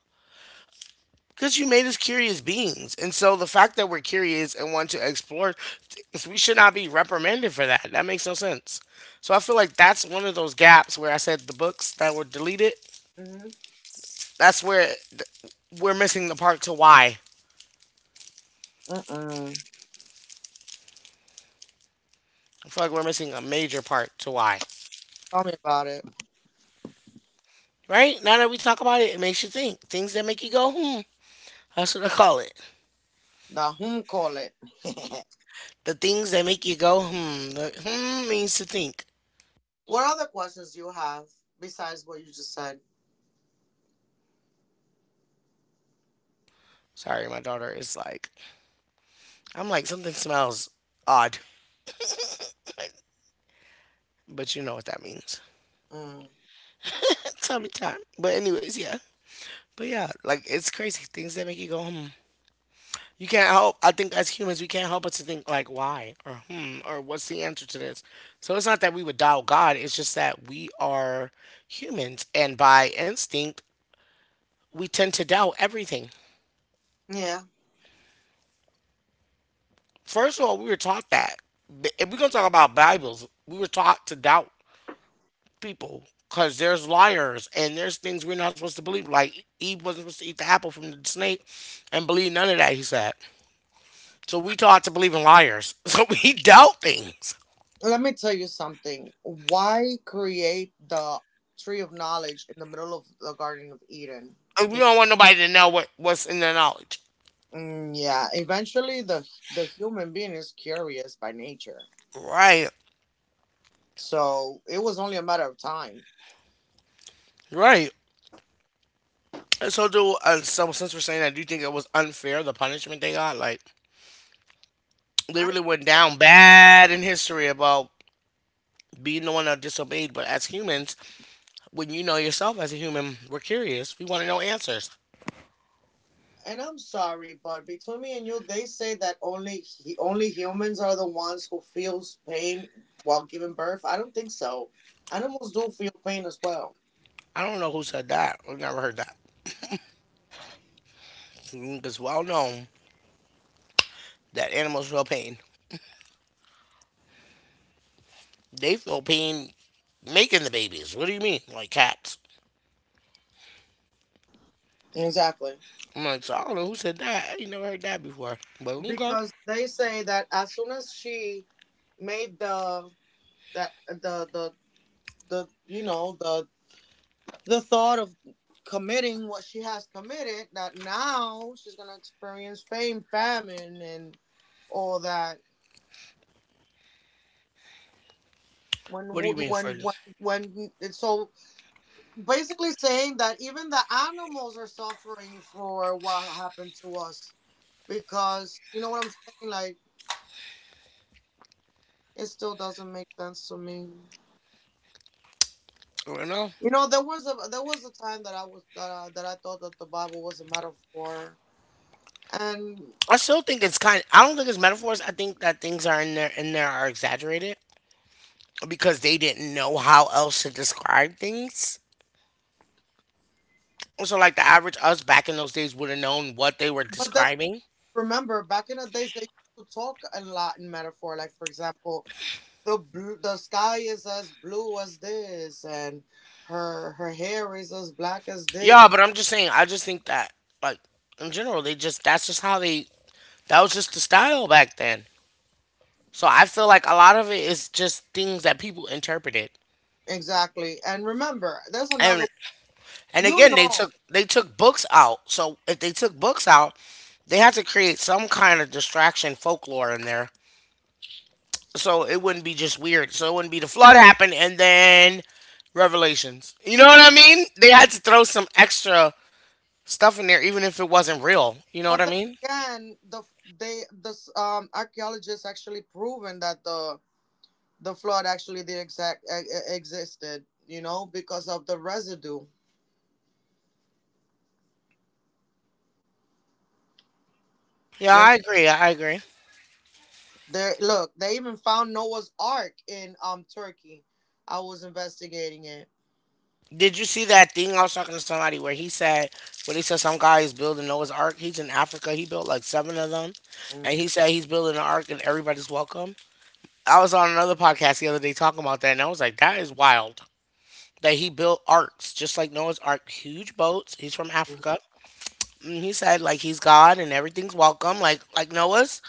Speaker 1: Because you made us curious beings. And so the fact that we're curious and want to explore things, we should not be reprimanded for that. That makes no sense. So I feel like that's one of those gaps where I said the books that were deleted,
Speaker 3: bit. Mhm.
Speaker 1: that's where th- we're missing the part to why.
Speaker 3: Mm mm.
Speaker 1: I feel like we're missing a major part to why.
Speaker 3: Tell me about it.
Speaker 1: Right? Now that we talk about it, it makes you think. Things that make you go, hmm. That's what I call it.
Speaker 3: The whom call it.
Speaker 1: The things that make you go, hmm. The hmm means to think.
Speaker 3: What other questions you have besides what you just said?
Speaker 1: Sorry, my daughter is like, I'm like, something smells odd, but you know what that means.
Speaker 3: Mm.
Speaker 1: Tummy time. But anyways, yeah. But yeah, like it's crazy, things that make you go hmm. You can't help. I think as humans, we can't help but to think, like, why or hmm or what's the answer to this. So it's not that we would doubt God. It's just that we are humans, and by instinct, we tend to doubt everything.
Speaker 3: Yeah.
Speaker 1: First of all, we were taught that. If we're gonna talk about Bibles, we were taught to doubt people because there's liars and there's things we're not supposed to believe. Like Eve wasn't supposed to eat the apple from the snake and believe none of that. He said. So we taught to believe in liars. So we doubt things.
Speaker 3: Let me tell you something. Why create the tree of knowledge in the middle of the Garden of Eden?
Speaker 1: And we
Speaker 3: It-
Speaker 1: don't want nobody to know what, what's in their knowledge.
Speaker 3: mm, yeah, eventually, the the human being is curious by nature,
Speaker 1: Right.
Speaker 3: so it was only a matter of time.
Speaker 1: Right. And so do uh, so since we're saying that, do you think it was unfair the punishment they got? Like they really went down bad in history about being the one that disobeyed. But as humans, when you know yourself as a human, we're curious. We want to know answers.
Speaker 3: And I'm sorry, but between me and you, they say that only he, only humans are the ones who feels pain while giving birth. I don't think so. Animals do feel pain as well.
Speaker 1: I don't know who said that. We have never heard that. It's well known that animals feel pain. They feel pain making the babies. What do you mean? Like cats.
Speaker 3: Exactly.
Speaker 1: I'm like, so I don't know who said that. I ain't never heard that before. But okay.
Speaker 3: Because they say that as soon as she made the that the the the you know the the thought of committing what she has committed, that now she's gonna experience fame famine and all that when
Speaker 1: What do you
Speaker 3: when
Speaker 1: mean
Speaker 3: when
Speaker 1: further?
Speaker 3: when, when it's so basically saying that even the animals are suffering for what happened to us because you know what I'm saying, like it still doesn't make sense to me.
Speaker 1: I don't know.
Speaker 3: You know, there was a there was a time that I was that uh, that I thought that the Bible was a metaphor. And
Speaker 1: I still think it's kind. I don't think it's metaphors. I think that things are in there in there are exaggerated because they didn't know how else to describe things. So like the average us back in those days would have known what they were
Speaker 3: but then
Speaker 1: describing.
Speaker 3: remember back in the days they used to talk a lot in metaphor, like for example, the blue, the sky is as blue as this and her her hair is as black as this.
Speaker 1: Yeah, but I'm just saying. I just think that like in general, they just, that's just how they, that was just the style back then. So I feel like a lot of it is just things that people interpreted.
Speaker 3: Exactly. And remember, there's another,
Speaker 1: And, And
Speaker 3: you
Speaker 1: again, they
Speaker 3: know.
Speaker 1: took they took books out. So if they took books out, they had to create some kind of distraction folklore in there. So it wouldn't be just weird. So it wouldn't be the flood happened and then revelations. You know what I mean? They had to throw some extra stuff in there even if it wasn't real. You know what
Speaker 3: But
Speaker 1: I
Speaker 3: then
Speaker 1: mean?
Speaker 3: again, the they this um archaeologists actually proven that the the flood actually did exact e- e- existed. You know, because of the residue.
Speaker 1: Yeah,
Speaker 3: You know,
Speaker 1: I agree. I agree.
Speaker 3: there. Look, they even found Noah's Ark in um Turkey. I was investigating it.
Speaker 1: Did you see that thing I was talking to somebody where he said when he said some guy is building Noah's Ark, he's in Africa, he built like seven of them. And
Speaker 3: Mm.
Speaker 1: he said he's building an ark and everybody's welcome. I was on another podcast the other day talking about that, and I was like, that is wild that he built arcs, just like Noah's Ark, huge boats. He's from
Speaker 3: Mhm.
Speaker 1: Africa. And he said like he's God and everything's welcome, like like Noah's.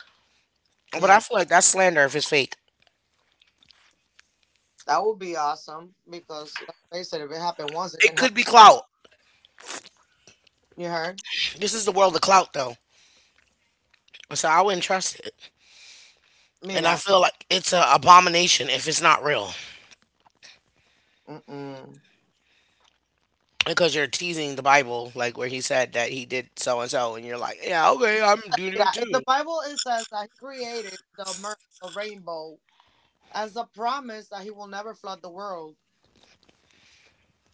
Speaker 1: But
Speaker 3: Yeah,
Speaker 1: I feel like that's slander if it's fake.
Speaker 3: that would be awesome because let's face it, if it happened once, it
Speaker 1: It
Speaker 3: can
Speaker 1: could
Speaker 3: happen
Speaker 1: be
Speaker 3: again.
Speaker 1: clout.
Speaker 3: You heard?
Speaker 1: This is the world of clout, though. So I wouldn't trust it, and I
Speaker 3: Mira.
Speaker 1: feel like it's an abomination if it's not real,
Speaker 3: Mm-mm.
Speaker 1: because you're teasing the Bible, like where he said that he did so and so, and you're like, yeah, okay, I'm doing it
Speaker 3: Mira. In
Speaker 1: too.
Speaker 3: the Bible, it says that he created the, mer- the rainbow as a promise that he will never flood the world.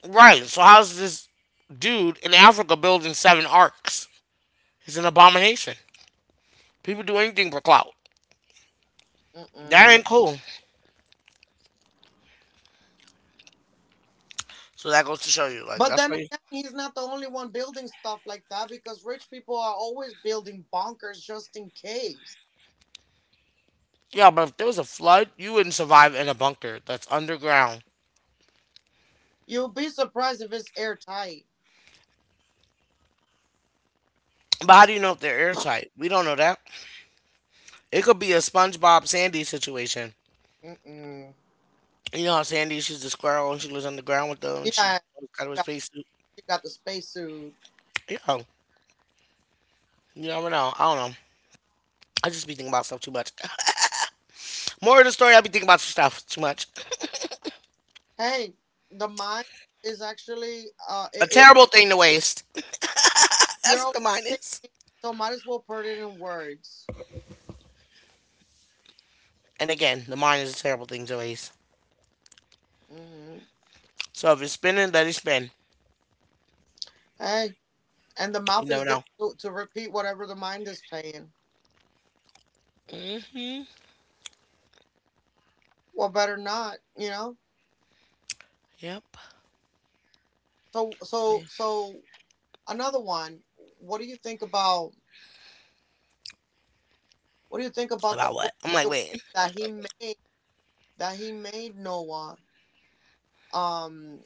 Speaker 1: Right. So how's this dude in Africa building seven arcs? He's an abomination. People do anything for clout. That
Speaker 3: Mm-mm.
Speaker 1: ain't cool. So that goes to show you, like
Speaker 3: But
Speaker 1: that's
Speaker 3: then
Speaker 1: why. You,
Speaker 3: again, he's not the only one building stuff like that because rich people are always building bunkers just in case.
Speaker 1: yeah, but if there was a flood, you wouldn't survive in a bunker that's underground.
Speaker 3: You'll be surprised if it's airtight.
Speaker 1: But how do you know if they're airtight? We don't know that. It could be a SpongeBob Sandy situation.
Speaker 3: Mm-mm.
Speaker 1: You know how Sandy, she's the squirrel and she lives underground with them and she
Speaker 3: Yeah,
Speaker 1: got
Speaker 3: she
Speaker 1: her
Speaker 3: got,
Speaker 1: space suit.
Speaker 3: she got the spacesuit.
Speaker 1: Yeah, you never know. I don't know. I just be thinking about stuff too much. More of the story, I be thinking about stuff too much.
Speaker 3: Hey, the mind is actually uh,
Speaker 1: A
Speaker 3: it, it ra-
Speaker 1: terrible thing to waste.
Speaker 3: you're
Speaker 1: That's what
Speaker 3: always
Speaker 1: the mine is.
Speaker 3: thinking, so might as well put it in words.
Speaker 1: And again, the mine is a terrible thing to waste.
Speaker 3: Hmm.
Speaker 1: So if it's spinning, let it spin.
Speaker 3: Hey, and the
Speaker 1: You
Speaker 3: mouth
Speaker 1: never
Speaker 3: is there
Speaker 1: know.
Speaker 3: to, to repeat whatever the mind is saying.
Speaker 1: Mm-hmm.
Speaker 3: Well, better not, you know.
Speaker 1: Yep.
Speaker 3: So
Speaker 1: Yeah.
Speaker 3: so so another one. What do you think about what do you think about the
Speaker 1: About what?
Speaker 3: whole
Speaker 1: I'm like,
Speaker 3: situation
Speaker 1: wait.
Speaker 3: that he made that he made Noah um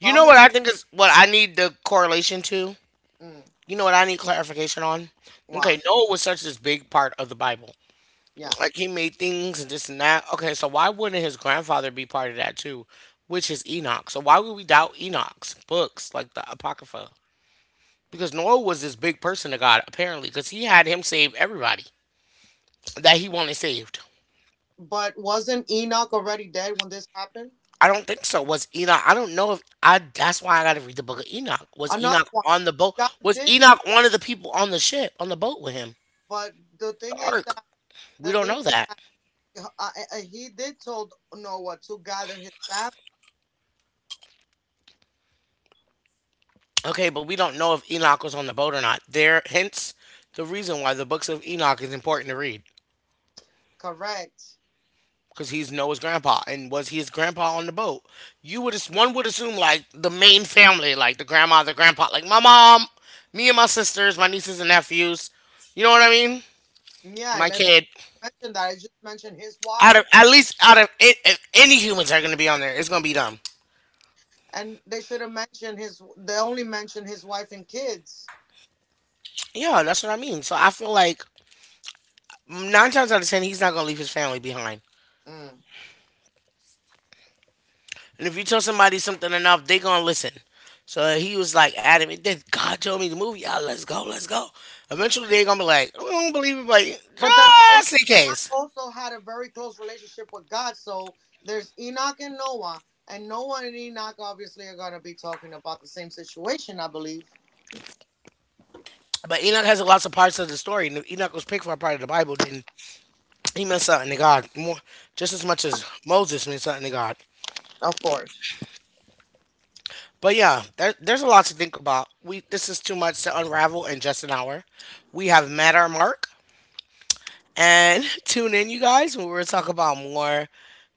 Speaker 1: You know
Speaker 3: common
Speaker 1: what I think is what I need the correlation to?
Speaker 3: mm,
Speaker 1: You know what I need clarification on?
Speaker 3: wow
Speaker 1: Okay, Noah was such this big part of the Bible.
Speaker 3: yeah.
Speaker 1: Like he made things and this and that. Okay, so why wouldn't his grandfather be part of that too? Which is Enoch. So why would we doubt Enoch's books like the Apocrypha? Because Noah was this big person to God apparently, because he had him save everybody that he wanted saved.
Speaker 3: But wasn't Enoch already dead when this happened?
Speaker 1: I don't think so. Was Enoch? I don't know if I. That's why I got to read the book of Enoch. Was
Speaker 3: Another
Speaker 1: Enoch
Speaker 3: one.
Speaker 1: on the boat?
Speaker 3: God
Speaker 1: Was
Speaker 3: did,
Speaker 1: Enoch one of the people on the ship on the boat with him?
Speaker 3: but The
Speaker 1: The
Speaker 3: thing is
Speaker 1: ark.
Speaker 3: that
Speaker 1: We
Speaker 3: the
Speaker 1: don't
Speaker 3: thing
Speaker 1: know that.
Speaker 3: uh, uh, uh, he did told Noah to gather his family.
Speaker 1: Okay, but we don't know if Enoch was on the boat or not. There, hence the reason why the books of Enoch is important to read
Speaker 3: Correct.
Speaker 1: because he's Noah's grandpa, and was he his grandpa on the boat? You would as- one would assume like the main family, like the grandma, the grandpa, like my mom, me and my sisters, my nieces and nephews. You know what I mean?
Speaker 3: Yeah,
Speaker 1: My
Speaker 3: and I didn't
Speaker 1: kid.
Speaker 3: mention that. I just mentioned his
Speaker 1: Out of,
Speaker 3: wife.
Speaker 1: at least out of it, if any humans are going to be on there, it's going to be them.
Speaker 3: And they should have mentioned his. They only mentioned his wife and kids.
Speaker 1: Yeah, that's what I mean. So I feel like nine times out of ten, he's not going to leave his family behind.
Speaker 3: Mm.
Speaker 1: And if you tell somebody something enough, they going to listen. So he was like adamant. Then God told me the movie. Yeah, let's go, let's go. Eventually, they going to be like, I don't believe it, but
Speaker 3: But then again,
Speaker 1: just in
Speaker 3: Enoch
Speaker 1: case.
Speaker 3: also had a very close relationship with God. So there's Enoch and Noah, and Noah and Enoch obviously are gonna be talking about the same situation, I believe.
Speaker 1: But Enoch has lots of parts of the story. And if Enoch was picked for a part of the Bible, then he meant something to God more, just as much as Moses meant something to God.
Speaker 3: Of course.
Speaker 1: But yeah, there, there's a lot to think about. We This is too much to unravel in just an hour. We have met our mark, and tune in, you guys, when we're talking about more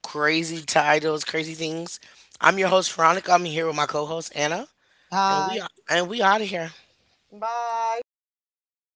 Speaker 1: crazy titles, crazy things. I'm your host Veronica. I'm here with my co-host Anna, and
Speaker 3: Hi.
Speaker 1: we, and we out of here.
Speaker 3: Bye.